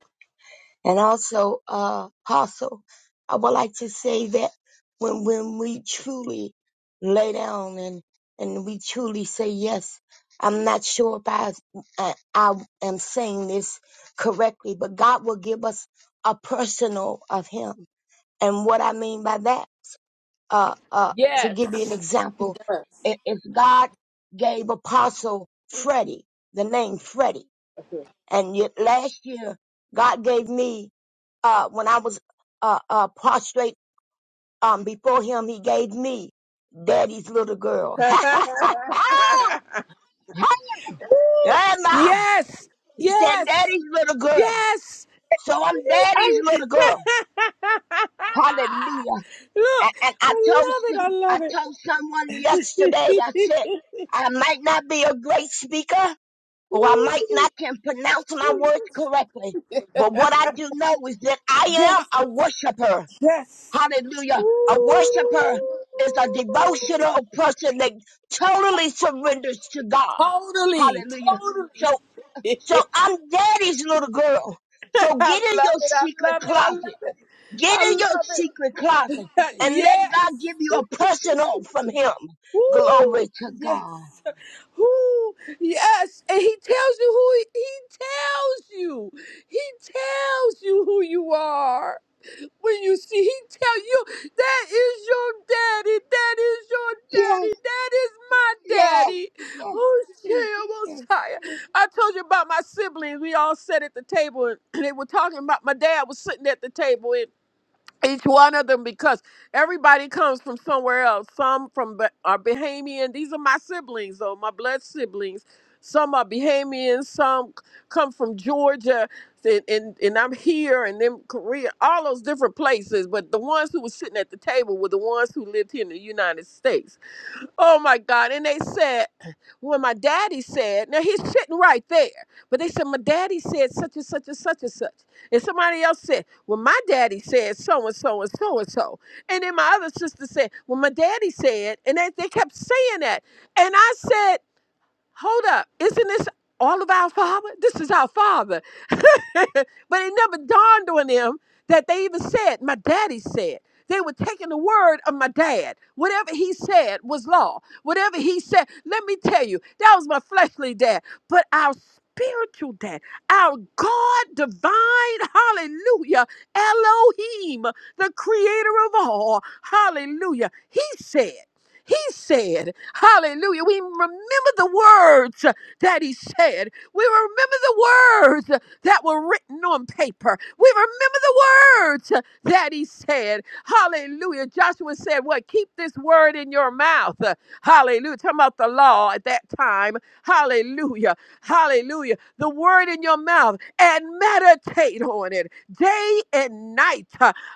Speaker 4: And also, uh, Apostle, I would like to say that when, when we truly lay down and, and we truly say yes, I'm not sure if I, I, I am saying this correctly, but God will give us a personal of Him. And what I mean by that, uh, uh, to give you an
Speaker 6: Yes, he
Speaker 4: example,
Speaker 6: does.
Speaker 4: i- if God gave Apostle Freddie, the name Freddie, and yet last year God gave me uh, when I was uh, uh, prostrate um, before him, he gave me daddy's little girl. [laughs] Emma,
Speaker 6: yes,
Speaker 4: he said,
Speaker 6: yes,
Speaker 4: daddy's little girl.
Speaker 6: yes.
Speaker 4: So I'm daddy's
Speaker 6: I-
Speaker 4: little girl.
Speaker 6: [laughs]
Speaker 4: Hallelujah.
Speaker 6: Look,
Speaker 4: And, and I
Speaker 6: I
Speaker 4: told,
Speaker 6: love it.
Speaker 4: s-
Speaker 6: I
Speaker 4: I
Speaker 6: love it.
Speaker 4: told someone yesterday, I said, I might not be a great speaker
Speaker 6: [laughs]
Speaker 4: or I
Speaker 6: Woo!
Speaker 4: might not can pronounce my words correctly. But what I do know is that
Speaker 6: yes,
Speaker 4: I am a worshiper.
Speaker 6: yes.
Speaker 4: Hallelujah. A worshiper
Speaker 6: Woo!
Speaker 4: is a devotional person that totally surrenders to God.
Speaker 6: Totally,
Speaker 4: Hallelujah.
Speaker 6: totally.
Speaker 4: So, so
Speaker 6: [laughs]
Speaker 4: I'm daddy's little girl.
Speaker 6: I love
Speaker 4: So get in your
Speaker 6: it. I
Speaker 4: secret
Speaker 6: love it. I love
Speaker 4: closet.
Speaker 6: it.
Speaker 4: Get
Speaker 6: I
Speaker 4: in your
Speaker 6: love
Speaker 4: secret
Speaker 6: it.
Speaker 4: closet
Speaker 6: [laughs]
Speaker 4: and let God
Speaker 6: yes.
Speaker 4: give you a personal from him. Glory
Speaker 6: Woo!
Speaker 4: to
Speaker 6: Yes.
Speaker 4: God.
Speaker 6: Who? Yes. And he tells you who he, he tells you. He tells you who you are. When you see, he tell you that is your daddy. That is your
Speaker 4: Yes,
Speaker 6: daddy. That is my
Speaker 4: yes.
Speaker 6: daddy. Oh, Messiah. I told you about my siblings. We all sat at the table and [clears throat] they were talking about my dad was sitting at the table each one of them because everybody comes from somewhere else. Some from Ba- are Bahamian. These are my siblings or my blood siblings. Some are Bahamian. Some c- come from Georgia, and, and and I'm here, and then Korea. All those different places. But the ones who were sitting at the table were the ones who lived here in the United States. Oh my God. And they said, when my daddy said, now he's sitting right there, but they said, my daddy said such and such and such and such. And somebody else said, well, my daddy said so and so and so and so. And then my other sister said, well, my daddy said, and they, they kept saying that. And I said, hold up, isn't this all of our father? This is our father. [laughs] but it never dawned on them that they even said, My daddy said. They were taking the word of my dad. Whatever he said was law. Whatever he said, let me tell you, that was my fleshly dad. But our spiritual dad, our God divine, hallelujah, Elohim, the creator of all, hallelujah, he said, he said, hallelujah. We remember the words that he said. We remember the words that were written on paper. We remember the words that he said. Hallelujah. Joshua said, What? Keep this word in your mouth. Hallelujah. Talking about the law at that time. Hallelujah. Hallelujah. The word in your mouth and meditate on it day and night.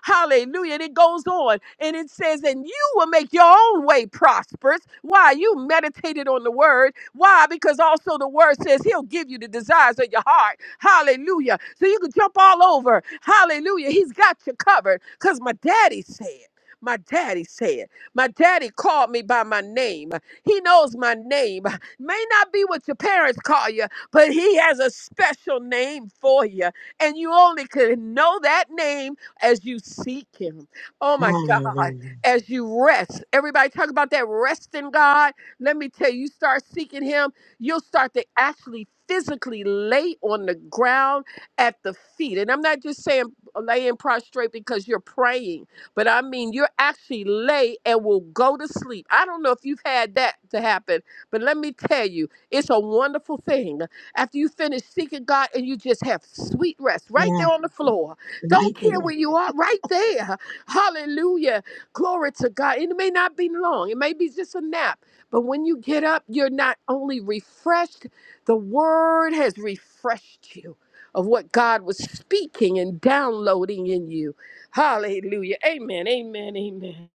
Speaker 6: Hallelujah. And it goes on and it says, And you will make your own way prosperous. Why? You meditated on the word. Why? Because also the word says he'll give you the desires of your heart. Hallelujah. So you can jump all over. Hallelujah. He's got you covered because my daddy said. My daddy said, my daddy called me by my name. He knows my name. May not be what your parents call you, but he has a special name for you. And you only can know that name as you seek him. Oh my God,
Speaker 4: Hallelujah.
Speaker 6: as you rest. Everybody talk about that rest in God. Let me tell you, you start seeking him you'll start to actually physically lay on the ground at the feet. And I'm not just saying laying prostrate because you're praying, but I mean you're actually lay and will go to sleep. I don't know if you've had that to happen, but let me tell you, it's a wonderful thing. After you finish seeking God and you just have sweet rest right there
Speaker 4: Yes,
Speaker 6: on the floor.
Speaker 4: right
Speaker 6: Don't care
Speaker 4: there.
Speaker 6: where you are, right there. Hallelujah. Glory to God. And it may not be long. It may be just a nap but when you get up, you're not only refreshed, the word has refreshed you of what God was speaking and downloading in you. Hallelujah. Amen. Amen. Amen.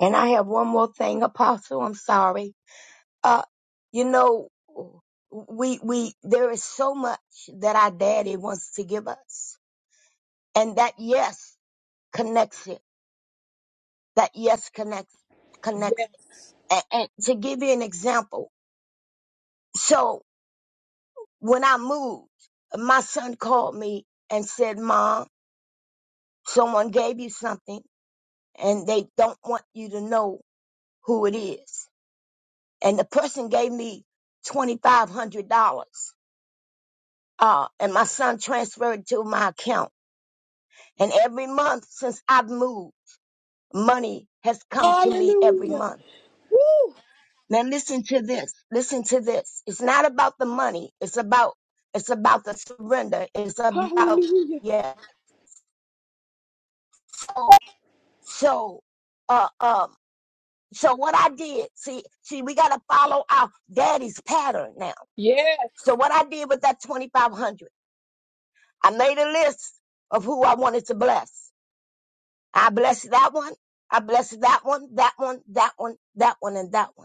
Speaker 4: And I have one more thing, Apostle. I'm sorry. Uh, you know, we, we, there is so much that our daddy wants to give us. And that yes connects it. That yes connects, connects.
Speaker 6: Yes.
Speaker 4: And, and to give you an example. So when I moved, my son called me and said, Mom, someone gave you something and they don't want you to know who it is. And the person gave me $2,500. Uh, and my son transferred it to my account And every month since I've moved, money has come to me every
Speaker 6: Hallelujah.
Speaker 4: month.
Speaker 6: Woo.
Speaker 4: Now listen to this. Listen to this. It's not about the money. It's about it's about the surrender. It's about
Speaker 6: Hallelujah.
Speaker 4: yeah. So so uh um so what I did, see, see, we gotta follow our daddy's pattern now.
Speaker 6: Yes.
Speaker 4: So what I did with that twenty five hundred, I made a list of who I wanted to bless. I blessed that one. I blessed that one, that one, that one, that one, and that one.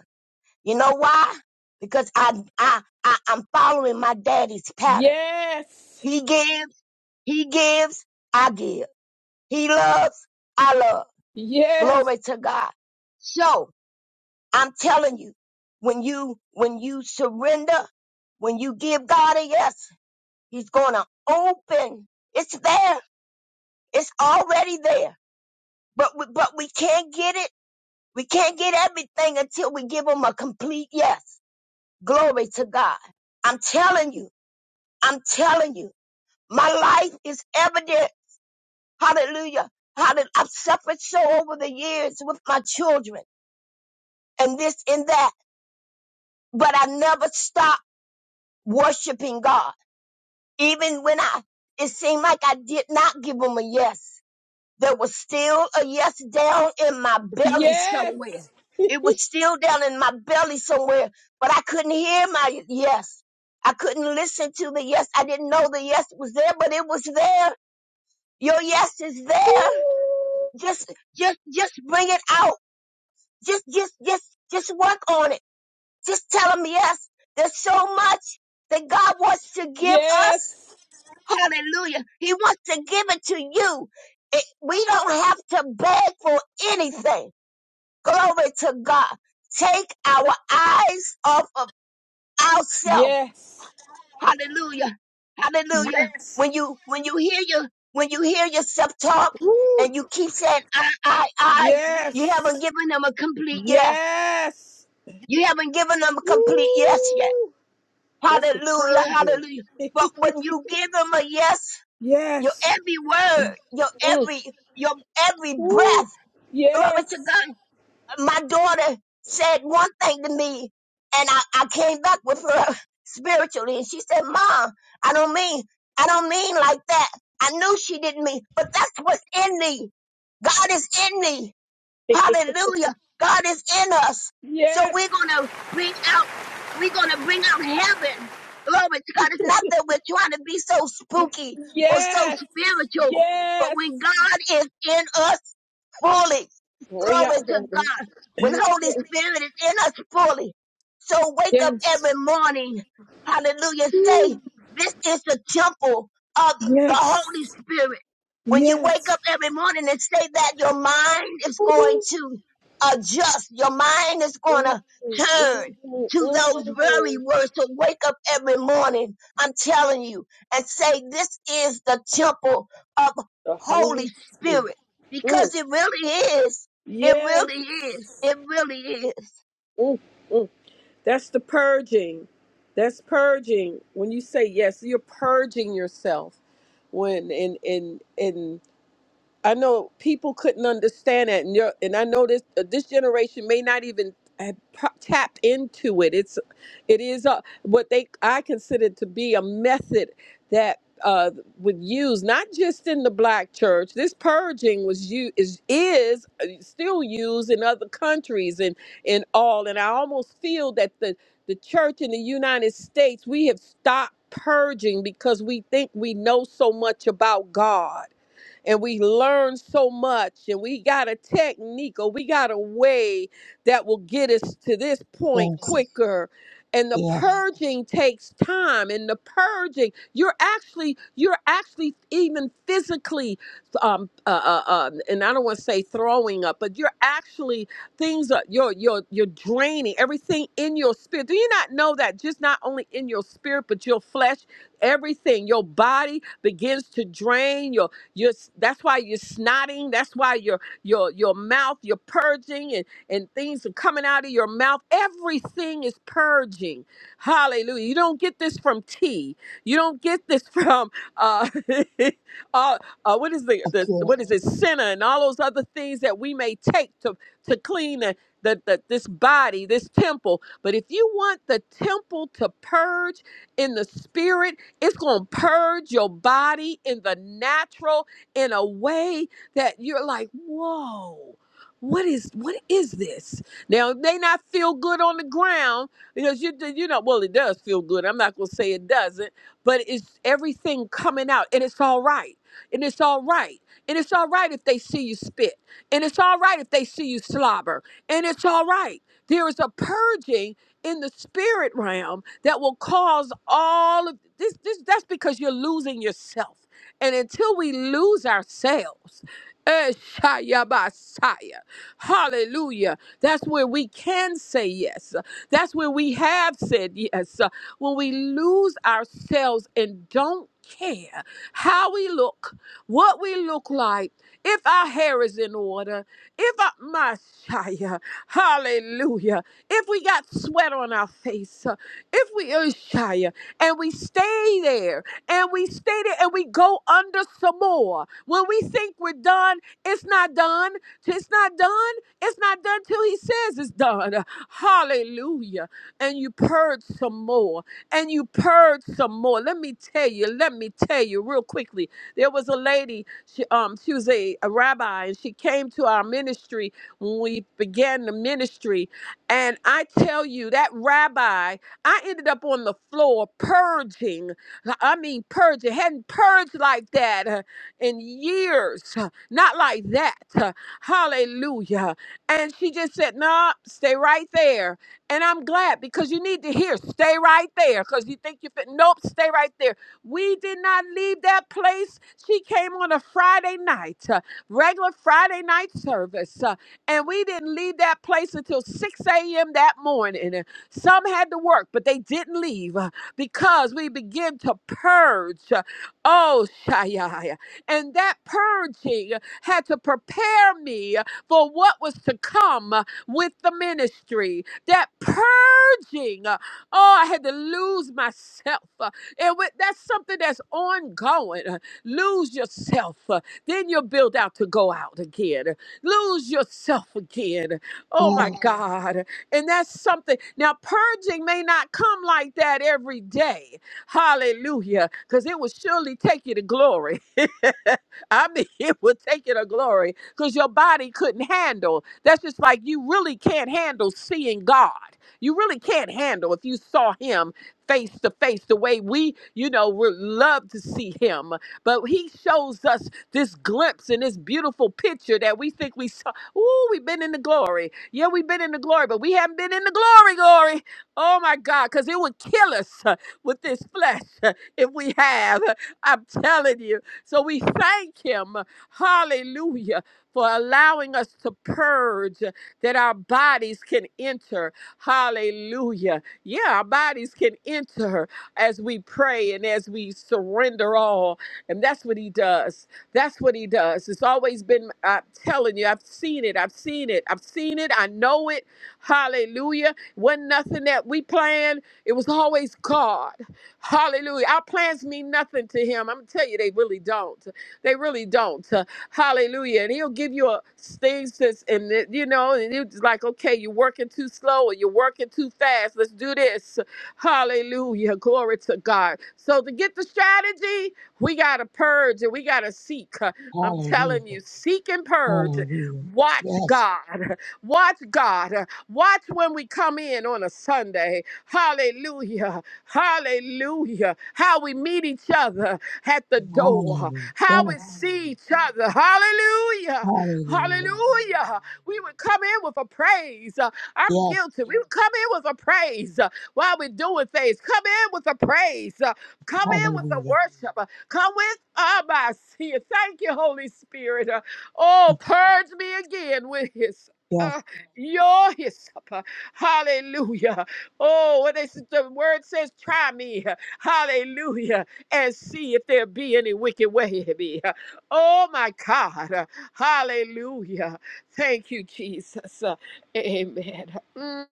Speaker 4: You know why? Because I, I, I, I'm following my daddy's pattern.
Speaker 6: Yes.
Speaker 4: He gives, he gives, I give. He loves, I love.
Speaker 6: Yes.
Speaker 4: Glory to God. So I'm telling you, when you, when you surrender, when you give God a yes, he's going to open. It's there. It's already there. But we, but we can't get it. We can't get everything until we give him a complete yes. Glory to God. I'm telling you. I'm telling you, my life is evident. Hallelujah. Hallelujah. I've suffered so over the years with my children and this and that, but I never stopped worshiping God. Even when I, it seemed like I did not give him a yes. There was still a yes down in my belly
Speaker 6: Yes.
Speaker 4: somewhere. It was still down in my belly somewhere, but I couldn't hear my yes. I couldn't listen to the yes. I didn't know the yes was there, but it was there Your yes is there.
Speaker 6: Woo.
Speaker 4: Just, just, just bring it out. Just, just, just, just work on it. Just tell him yes. There's so much that God wants to give us.
Speaker 6: Yes.
Speaker 4: Hallelujah. He wants to give it to you. It, we don't have to beg for anything. Glory to God. Take our eyes off of ourselves
Speaker 6: Yes.
Speaker 4: Hallelujah. Hallelujah.
Speaker 6: Yes.
Speaker 4: When you when you hear your when you hear yourself talk
Speaker 6: Woo.
Speaker 4: and you keep saying I I I, you
Speaker 6: Yes.
Speaker 4: haven't given them a complete yes.
Speaker 6: Yes.
Speaker 4: You haven't given them a complete yes yet.
Speaker 6: Woo! That's the
Speaker 4: Hallelujah.
Speaker 6: purging.
Speaker 4: Hallelujah.
Speaker 6: [laughs]
Speaker 4: But when you give them a yes, your
Speaker 6: yes.
Speaker 4: every word, your
Speaker 6: Mm.
Speaker 4: every your every
Speaker 6: Woo.
Speaker 4: breath, glory to
Speaker 6: Yes.
Speaker 4: God, my daughter said one thing to me, and I, I came back with her [laughs] spiritually, and she said, "Mom, I don't mean, I don't mean like that. I knew she didn't mean, but that's what's in me. God is in me.
Speaker 6: [laughs]
Speaker 4: Hallelujah. God is in us. So
Speaker 6: Yes.
Speaker 4: we're going to bring out, we're going to bring out heaven. Glory to God. It's not that we're trying to be so spooky or so
Speaker 6: Yes.
Speaker 4: spiritual, but
Speaker 6: Yes.
Speaker 4: when God is in us fully,
Speaker 6: Bring
Speaker 4: glory
Speaker 6: out
Speaker 4: to
Speaker 6: heaven.
Speaker 4: God, when
Speaker 6: [laughs]
Speaker 4: Holy Spirit is in us fully. So wake up
Speaker 6: Yes.
Speaker 4: every morning. Hallelujah. Say,
Speaker 6: Woo.
Speaker 4: this is the temple of the Holy
Speaker 6: Yes.
Speaker 4: Spirit. When you wake
Speaker 6: Yes.
Speaker 4: up every morning and say that, your mind is going
Speaker 6: Woo.
Speaker 4: to adjust. Your mind is going
Speaker 6: Mm,
Speaker 4: to
Speaker 6: mm,
Speaker 4: turn
Speaker 6: mm,
Speaker 4: to those very
Speaker 6: mm.
Speaker 4: words. To wake up every morning, I'm telling you, and say, this is the temple of
Speaker 6: The Holy
Speaker 4: Holy
Speaker 6: Spirit.
Speaker 4: Spirit.
Speaker 6: Mm.
Speaker 4: Because it really is. It really is.
Speaker 6: Yes.
Speaker 4: It really is.
Speaker 6: Mm, mm. That's the purging. That's purging. When you say yes, you're purging yourself. When in in in I know people couldn't understand that, and, you're, and I know this uh, this generation may not even have pro- tapped into it. It's it is uh what they I consider to be a method that uh, would use not just in the black church. This purging was you is is uh, still used in other countries and and all. And I almost feel that the the church in the United States we have stopped purging because we think we know so much about God and we learn so much and we got a technique or we got a way that will get us to this point
Speaker 4: Yes,
Speaker 6: quicker and the
Speaker 4: yes,
Speaker 6: purging takes time and the purging you're actually you're actually even physically um uh, uh, uh and i don't want to say throwing up but you're actually things are you're you're you're draining everything in your spirit do you not know that just not only in your spirit but your flesh everything your body begins to drain you're s- that's why you're snotting. That's why your your your mouth, you're purging and, and things are coming out of your mouth. Everything is purging. Hallelujah. You don't get this from tea. You don't get this from uh, [laughs] uh, uh what is the, the
Speaker 4: yes,
Speaker 6: what is it, senna and all those other things that we may take to to clean the, the, the this body, this temple. But if you want the temple to purge in the spirit, it's going to purge your body in the natural in a way that you're like, whoa. What is what is this? Now it may not feel good on the ground because you you know well it does feel good. I'm not gonna say it doesn't, but it's everything coming out and it's all right and it's all right and it's all right if they see you spit and it's all right if they see you slobber and it's all right. There is a purging in the spirit realm that will cause all of this, this that's because you're losing yourself and until we lose ourselves, Eshayabasaya. Hallelujah. That's where we can say yes. That's where we have said yes. When we lose ourselves and don't care how we look, what we look like, if our hair is in order, if I, my Shia, hallelujah, if we got sweat on our face, if we, Shia, and we stay there and we state it and we go under some more. When we think we're done, it's not done. It's not done. It's not done till he says it's done. Hallelujah. And you purge some more. And you purge some more. Let me tell you, let me tell you real quickly. There was a lady, she um she was a, a rabbi and she came to our ministry when we began the ministry. And I tell you, that rabbi, I ended up on the floor purging. Like, I mean, purge. It hadn't purged like that uh, in years. uh, Not like that. uh, Hallelujah. And she just said, No, stay right there. And I'm glad because you need to hear, stay right there. Because you think you fit. Nope, stay right there. We did not leave that place. She came on a Friday night, uh, regular Friday night service. uh, and we didn't leave that place until 6 a.m. that morning. Some had to work, but they didn't leave. uh, because we begin to purge. Oh, Shai. And that purging had to prepare me for what was to come with the ministry. That purging. Uh, Oh, I had to lose myself. Uh, And with, that's something that's ongoing. Uh, Lose yourself. Uh, Then you're built out to go out again. Uh, Lose yourself again. Oh my
Speaker 4: yes,
Speaker 6: God. And that's something. Now, purging may not come like that every day. Hallelujah. Because it will surely take you to glory. [laughs] I mean, it would take it a glory because your body couldn't handle. That's just like you really can't handle seeing God. You really can't handle if you saw Him face to face the way we, you know, would love to see Him. But He shows us this glimpse and this beautiful picture that we think we saw. Ooh, we've been in the glory. Yeah, we've been in the glory, but we haven't been in the glory, glory. Oh my God, because it would kill us uh, with this flesh uh, if we have. I'm telling you. So we thank him, hallelujah, for allowing us to purge that our bodies can enter. Hallelujah. Yeah, our bodies can enter as we pray and as we surrender all. And that's what he does. That's what he does. It's always been, I'm telling you, I've seen it. I've seen it. I've seen it. I know it. Hallelujah. Wasn't nothing that we planned. It was always God. Hallelujah. Our plans mean nothing to him. I'm going to tell you, they really don't. They really don't. Uh, Hallelujah. And he'll give you a, things that's, and it- you know, and it's like, okay, you're working too slow or you're working too fast. Let's do this. Hallelujah. Glory to God. So to get the strategy, we got to purge and we got to seek. Uh, I'm Yes. telling
Speaker 4: hallelujah,
Speaker 6: you, seek and purge. Yes.
Speaker 4: hallelujah,
Speaker 6: Watch
Speaker 4: yes,
Speaker 6: God. [laughs] Watch God. Uh, Watch when we come in on a Sunday. Hallelujah. Hallelujah. How we meet each other at the door.
Speaker 4: hallelujah,
Speaker 6: How we
Speaker 4: yes,
Speaker 6: see each other. Hallelujah.
Speaker 4: hallelujah,
Speaker 6: Hallelujah. We would come in with a praise. Uh, I'm
Speaker 4: yes,
Speaker 6: guilty. We would come in with a praise uh, while we're doing things. Come in with a praise. Uh, Come in with the
Speaker 4: hallelujah,
Speaker 6: worship. Uh, Come with Abasia. Thank you, Holy Spirit. Uh, Oh, purge me again with his. Uh,
Speaker 4: Yes.
Speaker 6: your hyssop. Hallelujah. Oh, what they, the word says, try me, [laughs] hallelujah, and see if there be any wicked way in me. [laughs] Oh, my God, [laughs] hallelujah. Thank you, Jesus. Amen. Mm.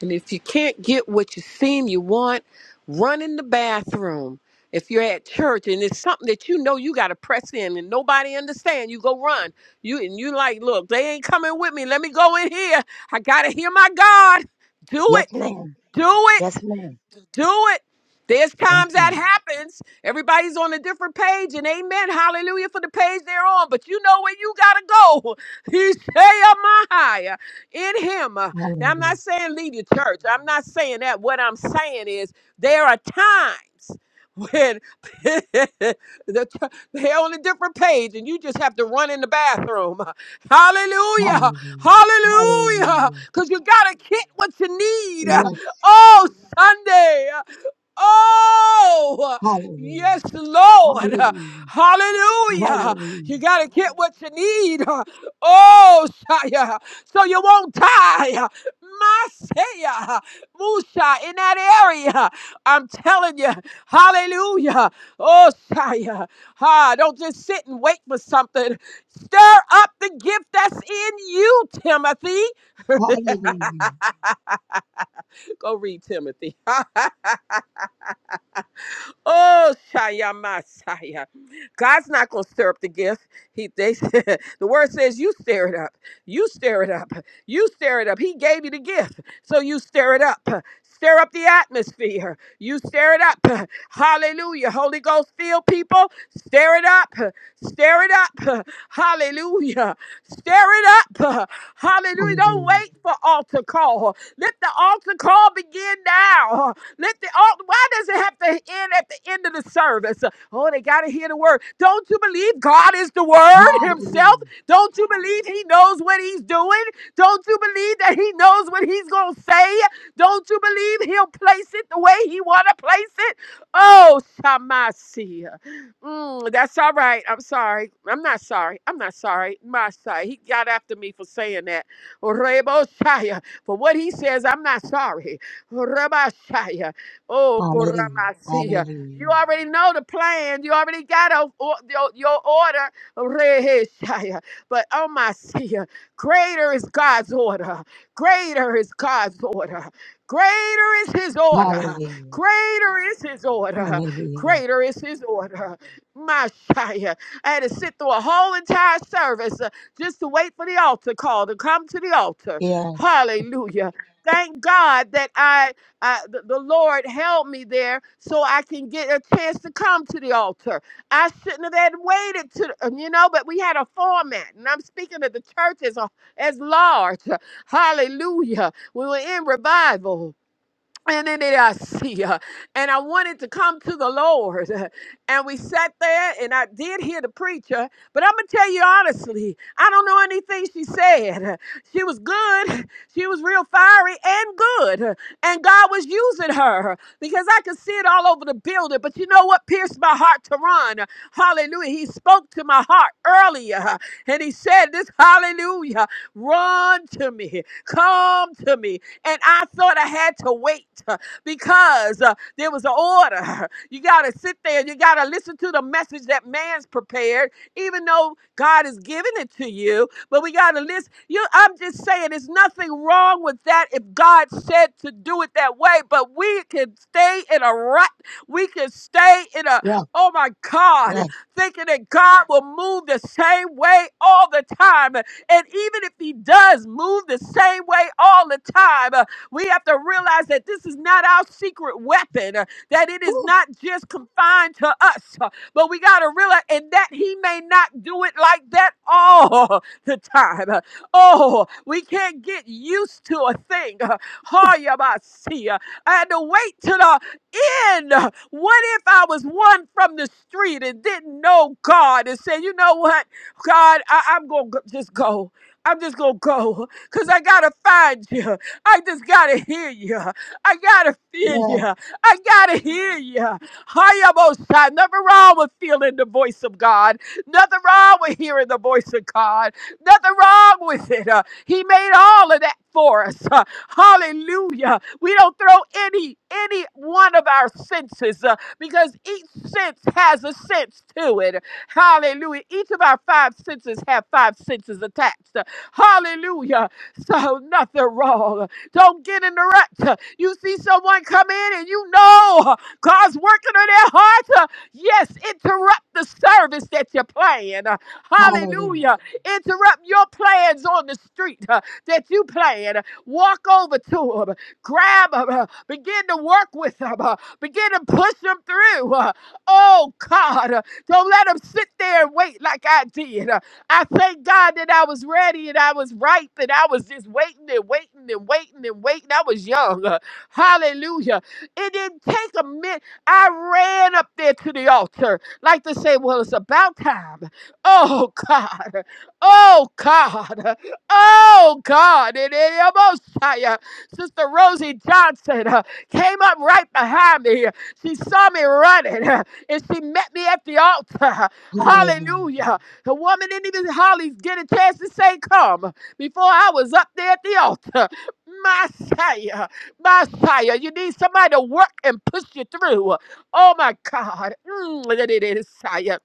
Speaker 6: And if you can't get what you seem you want, run in the bathroom. If you're at church and it's something that you know you got to press in and nobody understand, you go run. You and you like, look, they ain't coming with me. Let me go in here. I gotta hear my God. Do it.
Speaker 4: Yes, ma'am.
Speaker 6: Do
Speaker 4: Yes,
Speaker 6: it.
Speaker 4: ma'am.
Speaker 6: Do it. There's
Speaker 4: Yes,
Speaker 6: times that
Speaker 4: ma'am.
Speaker 6: happens. Everybody's on a different page, and amen. Hallelujah for the page they're on. But you know where you got to go. [laughs] He say, my higher in him. Uh, Now, I'm
Speaker 4: Hallelujah.
Speaker 6: not saying leave your church. I'm not saying that. What I'm saying is there are times when [laughs] the ch- they're on a different page and you just have to run in the bathroom. [laughs] Hallelujah.
Speaker 4: Hallelujah.
Speaker 6: Hallelujah.
Speaker 4: Hallelujah.
Speaker 6: Because you got to get what you need. [laughs]
Speaker 4: Yes.
Speaker 6: Oh, Sunday. Oh,
Speaker 4: Hallelujah.
Speaker 6: yes, Lord.
Speaker 4: Hallelujah.
Speaker 6: Hallelujah.
Speaker 4: Hallelujah.
Speaker 6: You got to get what you need. Oh, Shia. So you won't die. My Shia. Musha, in that area. I'm telling you. Hallelujah. Oh, Shia. Ah, don't just sit and wait for something. Stir up the gift that's in you, Timothy. [laughs] Go read Timothy. [laughs] Oh, Shaya Messiah. God's not going to stir up the gift. He, they [laughs] said, the word says, you stir it up. You stir it up. You stir it up. He gave you the gift. So you stir it up. Stir up the atmosphere. You stir it up. Hallelujah. Holy Ghost, feel people. Stir it up. Stir it up. Hallelujah. Stir it up. [laughs]
Speaker 4: Hallelujah.
Speaker 6: Hallelujah. Don't
Speaker 4: Hallelujah.
Speaker 6: wait for altar call. Let the altar call begin now. Let the altar, why does it have to end at the end of the service? Oh, they got to hear the word. Don't you believe God is the word himself?
Speaker 4: Hallelujah.
Speaker 6: Don't you believe he knows what he's doing? Don't you believe that he knows what he's going to say? Don't you believe he'll place it the way he want to place it? Oh, Shamasi. Mm, that's all right. I'm sorry. I'm not sorry. I'm not sorry. My side. He got after me for saying that. Rebosaya. For what he says, I'm not sorry. Rebosaya. Oh,
Speaker 4: Hallelujah.
Speaker 6: Koramasia. You
Speaker 4: Hallelujah.
Speaker 6: already know the plan. You already got a, o- your, your order. Reheshaya. But oh my seer, greater is God's order. Greater is God's order. Greater is his order.
Speaker 4: Hallelujah.
Speaker 6: Greater is his order.
Speaker 4: Hallelujah.
Speaker 6: Greater is his order. My Shia. I had to sit through a whole entire service uh, just to wait for the altar call to come to the altar.
Speaker 4: Yes.
Speaker 6: Hallelujah. Thank God that I, I the, the Lord held me there so I can get a chance to come to the altar. I shouldn't have had waited to, um, you know, but we had a format, and I'm speaking of the church as a, as large. Hallelujah. We were in revival and then it, I see, uh, and I wanted to come to the Lord, [laughs] and we sat there, and I did hear the preacher, but I'm gonna tell you honestly, I don't know anything she said. [laughs] She was good, [laughs] she was real fiery and good, [laughs] and God was using her [laughs] because I could see it all over the building. But you know what pierced my heart to run? [laughs] Hallelujah! He spoke to my heart earlier, [laughs] and he said, "This Hallelujah, run to me, come to me." And I sort of had to wait uh, because uh, there was an order. [laughs] You got to sit there and you got to listen to the message that man's prepared, even though God is giving it to you. But we got to listen. You, I'm just saying, there's nothing wrong with that if God said to do it that way. But we can stay in a rut. We can stay in a,
Speaker 4: Yes.
Speaker 6: oh my God,
Speaker 4: Yes.
Speaker 6: thinking that God will move the same way all the time. And even if he does move the same way all the time, uh, we have to realize that this is not our secret weapon, uh, that it is
Speaker 4: Woo.
Speaker 6: not just confined to us, uh, but we got to realize and that he may not do it like that all [laughs] the time. Uh, Oh, we can't get used to a thing. [laughs] Uh, Oh, you might see. uh, I had to wait till the again. What if I was one from the street and didn't know God and said, you know what, God, I- I'm going to just go. I'm just going to go because I got to find you. I just got to hear you. I got to feel you.
Speaker 4: Yes.
Speaker 6: I got to hear you. Hi, almost time. Nothing wrong with feeling the voice of God. Nothing wrong with hearing the voice of God. Nothing wrong with it. Uh, he made all of that for us. Uh, hallelujah. We don't throw any any one of our senses uh, because each sense has a sense to it. Hallelujah. Each of our five senses have five senses attached. uh, Hallelujah. So nothing wrong. Don't get in the rut. Uh, You see someone come in and you know uh, God's working on their heart. uh, Yes, interrupt the service that you're playing. Uh,
Speaker 4: Hallelujah.
Speaker 6: Hallelujah. Interrupt your plans on the street uh, that you plan. Walk over to to 'em. Grab them. uh, Begin to work with them. uh, Begin to push them through. uh, Oh, God. uh, Don't let them sit there and wait like I did. uh, I thank God that I was ready and I was ripe and I was just waiting and waiting and waiting and waiting. I was young. uh, Hallelujah. It didn't take a minute. I ran up there to the altar like to say, well, it's about time. Oh, God. Oh, God. Oh, God. It is almost time. Sister Rosie Johnson uh, came up right behind me. She saw me running uh, and she met me at the altar.
Speaker 4: Hallelujah.
Speaker 6: Hallelujah. The woman didn't even hardly get a chance to say, Come, before I was up there at the altar. Messiah, Messiah, you need somebody to work and push you through. Oh my God. Mm, Messiah.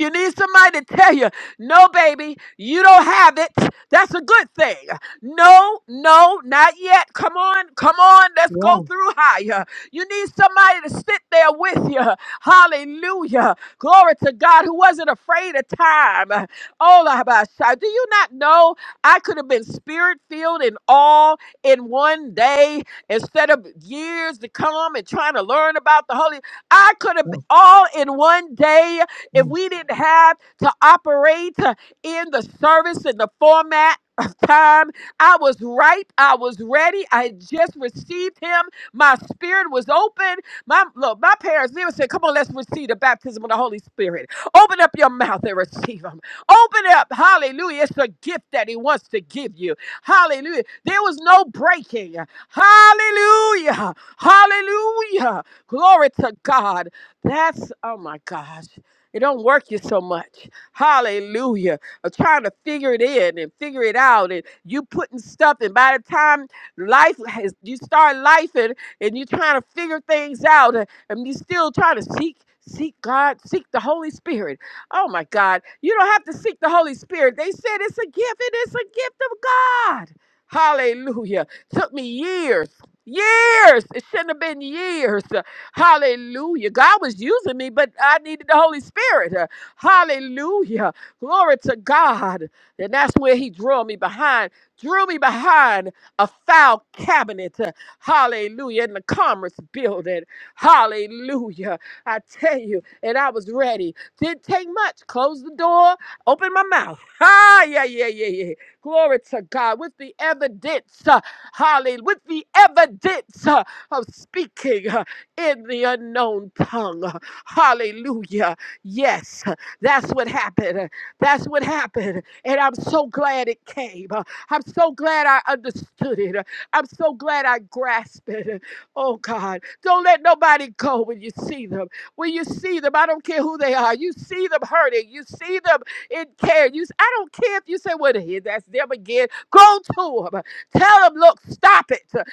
Speaker 6: You need somebody to tell you, no, baby, you don't have it. That's a good thing. No, no, not yet. Come on, come on, let's go
Speaker 4: Yes.
Speaker 6: through higher. You need somebody to sit there with you. Hallelujah. Glory to God who wasn't afraid of time. Oh, Labasha, do you not know I could have been spirit filled and all in one day instead of years to come and trying to learn about the Holy? I could have been all in one day if
Speaker 4: Yes.
Speaker 6: we didn't have to operate uh, in the service and the format of time, I was ripe. I was ready. I had just received him. My spirit was open. My look, my parents never said, Come on, let's receive the baptism of the Holy Spirit. Open up your mouth and receive him. Open up. Hallelujah. It's a gift that he wants to give you. Hallelujah. There was no breaking. Hallelujah. Hallelujah. Glory to God. That's oh my gosh. It don't work you so much. Hallelujah. Of trying to figure it in and figure it out. And you putting stuff, and by the time life has, you start life and, and you're trying to figure things out, and, and you still trying to seek, seek God, seek the Holy Spirit. Oh my God. You don't have to seek the Holy Spirit. They said it's a gift, and it's a gift of God. Hallelujah. Took me years. Years. It shouldn't have been years. Hallelujah. God was using me, but I needed the Holy Spirit. Uh, Hallelujah. Glory to God. And that's where he drew me behind, drew me behind a file cabinet. Uh, Hallelujah. In the commerce building. Hallelujah. I tell you, and I was ready. Didn't take much. Close the door, open my mouth. [laughs] Ah, yeah, yeah, yeah, yeah. Glory to God. With the evidence, uh, hallelujah, with the evidence uh, of speaking. uh, in the unknown tongue. Hallelujah. Yes, that's what happened. That's what happened. And I'm so glad it came. I'm so glad I understood it. I'm so glad I grasped it. Oh God, don't let nobody go when you see them. When you see them, I don't care who they are. You see them hurting. You see them in care. You, I don't care if you say, "Well, here, that's them again." Go to them. Tell them, "Look, stop it. Tell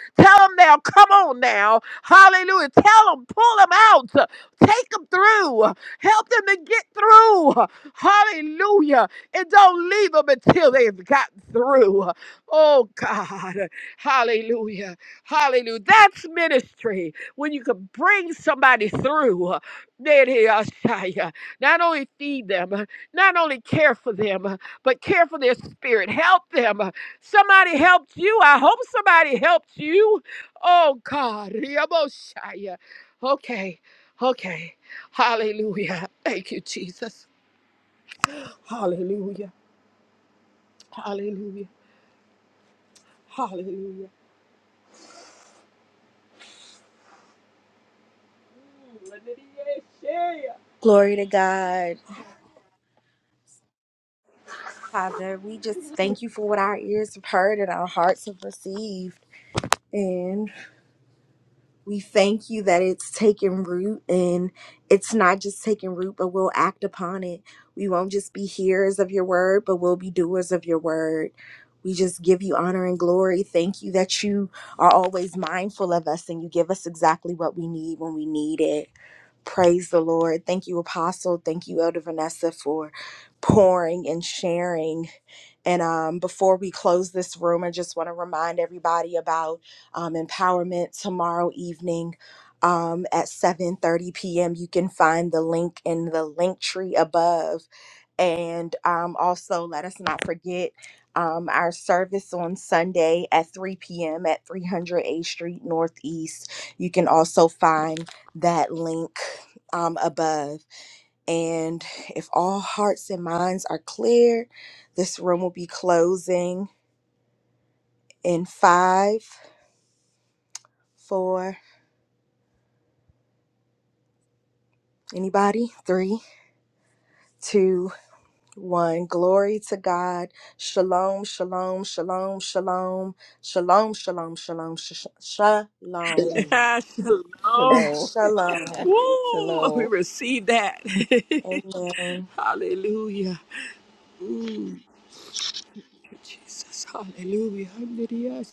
Speaker 6: them now. Come on now. Hallelujah. Tell them, pull them out, take them through, help them to get through. Hallelujah. And don't leave them until they've gotten through. Oh, God. Hallelujah. Hallelujah. That's ministry when you can bring somebody through. Nehiyashaya. Not only feed them, not only care for them, but care for their spirit. Help them. Somebody helped you. I hope somebody helped you. Oh God, Riaboshaya. Okay, okay. Hallelujah. Thank you, Jesus. Hallelujah. Hallelujah. Hallelujah. [laughs] Hallelujah.
Speaker 3: Glory to God. Father, we just thank you for what our ears have heard and our hearts have received. and. We thank you that it's taking root and it's not just taking root, but we'll act upon it. We won't just be hearers of your word, but we'll be doers of your word. We just give you honor and glory. Thank you that you are always mindful of us and you give us exactly what we need when we need it. Praise the Lord. Thank you, Apostle. Thank you, Elder Vanessa, for pouring and sharing. And um, before we close this room, I just want to remind everybody about um, empowerment tomorrow evening um, at 7:30 p.m. You can find the link in the link tree above, and um, also let us not forget um, our service on Sunday at 3 p.m. at 300 A Street Northeast. You can also find that link um, above. And if all hearts and minds are clear, this room will be closing in five, four, anybody? Three, two, one. Glory to God. Shalom, shalom, shalom, shalom, shalom, shalom, shalom, sh- sh-
Speaker 4: Yes.
Speaker 3: shalom,
Speaker 6: Yeah, Shalom.
Speaker 3: [laughs]
Speaker 2: Shalom. [laughs]
Speaker 3: shalom.
Speaker 6: Woo!
Speaker 2: Shalom.
Speaker 6: We receive that.
Speaker 3: Amen.
Speaker 6: [laughs] Hallelujah. Mm, Jesus. Hallelujah. Hallelujah.